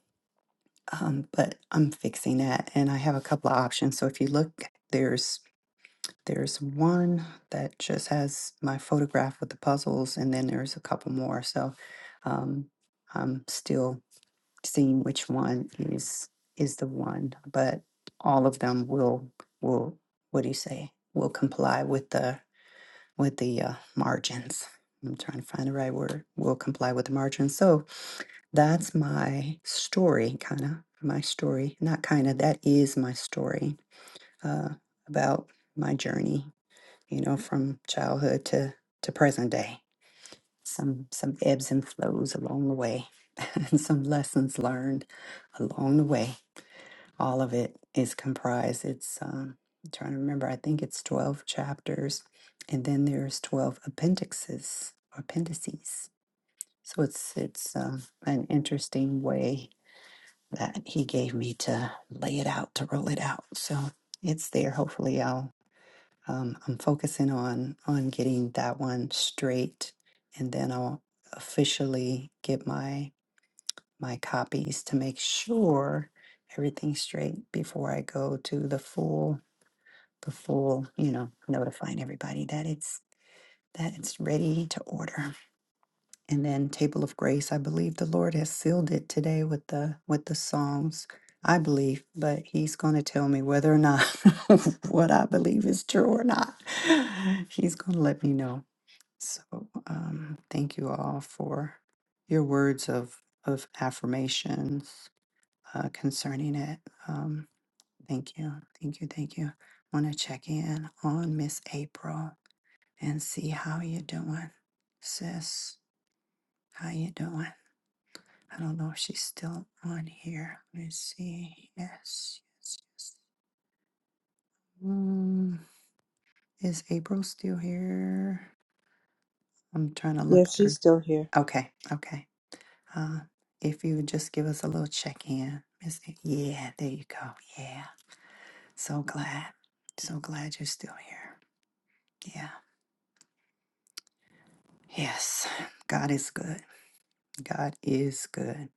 Speaker 1: um, but I'm fixing that, and I have a couple of options. So if you look, there's there's one that just has my photograph with the puzzles, and then there's a couple more. So, um, I'm still seeing which one is is the one, but all of them will will what do you say? Will comply with the with the uh, margins. I'm trying to find the right word. Will comply with the margins. So that's my story, kind of my story. Not kind of. That is my story uh, about my journey. You know, from childhood to to present day. Some some ebbs and flows along the way, and some lessons learned along the way all of it is comprised. It's um, I'm trying to remember. I think it's twelve chapters, and then there's twelve appendixes or appendices. So it's it's um, an interesting way that he gave me to lay it out to roll it out. So it's there. Hopefully, I'll um, I'm focusing on on getting that one straight, and then I'll officially get my my copies to make sure everything's straight before I go to the full, the full, you know, notifying everybody that it's that it's ready to order. And then table of grace, I believe the Lord has sealed it today with the with the Psalms. I believe, but he's going to tell me whether or not what I believe is true or not. He's going to let me know. So, um, thank you all for your words of of affirmations uh, concerning it. Um, thank you, thank you, thank you. Want to check in on Miss April and see how you doing, sis. How you doing? I don't know if she's still on here. Let me see. Yes, yes, yes. Mm, is April still here? I'm trying to look
Speaker 2: Yes, she's
Speaker 1: through.
Speaker 2: still here.
Speaker 1: Okay, okay. Uh, if you would just give us a little check in, Miss. A- Yeah, there you go. Yeah, so glad, so glad you're still here. yeah. Yes, God is good. God is good.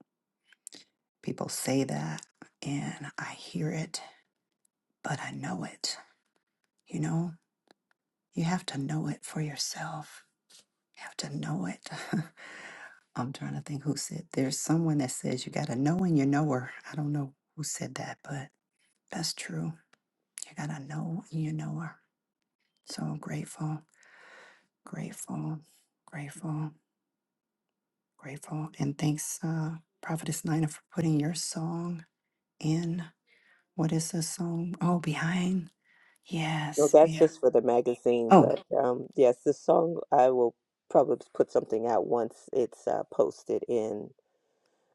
Speaker 1: People say that, and I hear it, but I know it. You know, you have to know it for yourself. You have to know it. I'm trying to think who said there's someone that says you got to know and you know her. I don't know who said that, but that's true. You got to know and you know her. So I'm grateful, grateful, grateful, grateful. And thanks, uh, Prophetess Nina, for putting your song in. What is this song? Oh, behind.
Speaker 3: No,
Speaker 1: Yes.
Speaker 3: that's
Speaker 1: Yeah.
Speaker 3: just for the magazine,
Speaker 1: Oh,
Speaker 3: but um, yes, this song I will probably put something out once it's uh, posted in.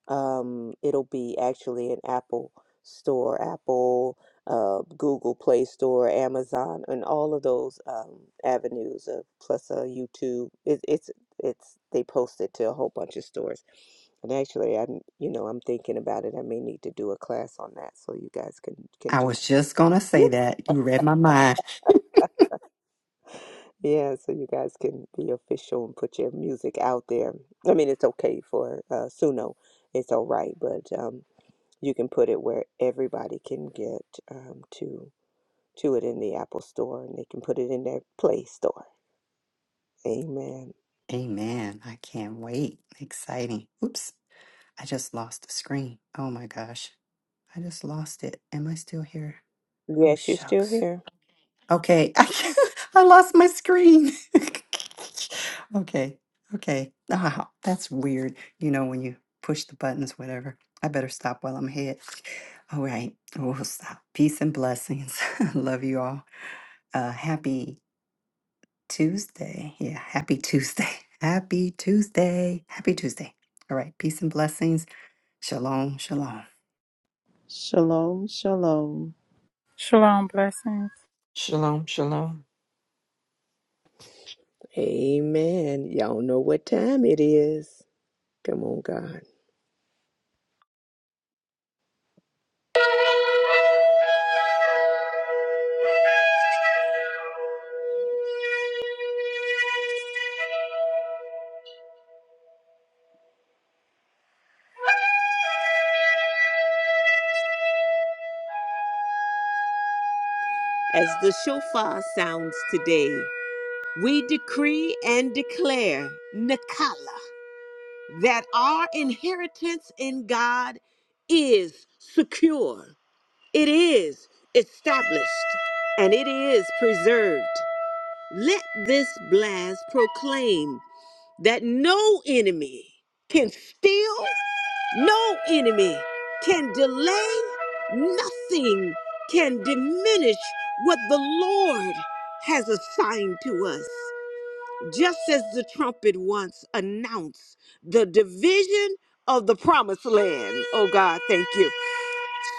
Speaker 3: Um, it'll be actually in Apple Store, Apple, uh, Google Play Store, Amazon, and all of those um, avenues. Uh, plus, uh, YouTube. It, it's it's they post it to a whole bunch of stores. And actually, I'm you know I'm thinking about it. I may need to do a class on that, so you guys can can
Speaker 1: I
Speaker 3: do.
Speaker 1: was just gonna say that. You read my mind.
Speaker 3: Yeah, so you guys can be official and put your music out there. I mean, it's okay for uh, Suno, it's all right, but um, you can put it where everybody can get um, to to it in the Apple Store, and they can put it in their Play Store. Amen.
Speaker 1: Amen. I can't wait. Exciting. Oops. I just lost the screen. Oh my gosh. I just lost it. Am I still here? Oh
Speaker 3: Yes, you're still
Speaker 1: shucks.
Speaker 3: here.
Speaker 1: Okay. I, lost my screen. okay. Okay. Ah, that's weird. You know, when you push the buttons, whatever. I better stop while I'm ahead. All right. We'll stop. Peace and blessings. Love you all. Uh, happy Tuesday. Yeah. Happy Tuesday. Happy Tuesday. Happy Tuesday. All right. Peace and blessings. Shalom. Shalom.
Speaker 2: Shalom, shalom.
Speaker 4: Shalom, blessings.
Speaker 5: Shalom, shalom.
Speaker 3: Amen. Y'all know what time it is. Come on, God. As the shofar sounds today, we decree and declare Nikala. that our inheritance in God is secure, it is established, and it is preserved. Let this blast proclaim that no enemy can steal, no enemy can delay, nothing can diminish what the Lord has assigned to us just as the trumpet once announced the division of the promised land. Oh God, thank you.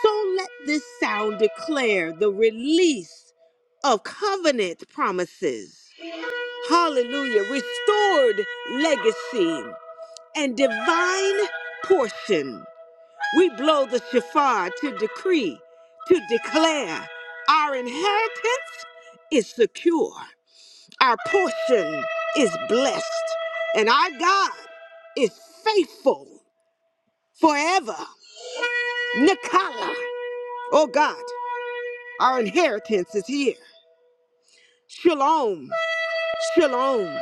Speaker 3: So let this sound declare the release of covenant promises. Hallelujah. Restored legacy and divine portion. We blow the shofar to decree, to declare our inheritance is secure our portion is blessed, and our God is faithful forever. Nikala, oh God, our inheritance is here. Shalom, shalom.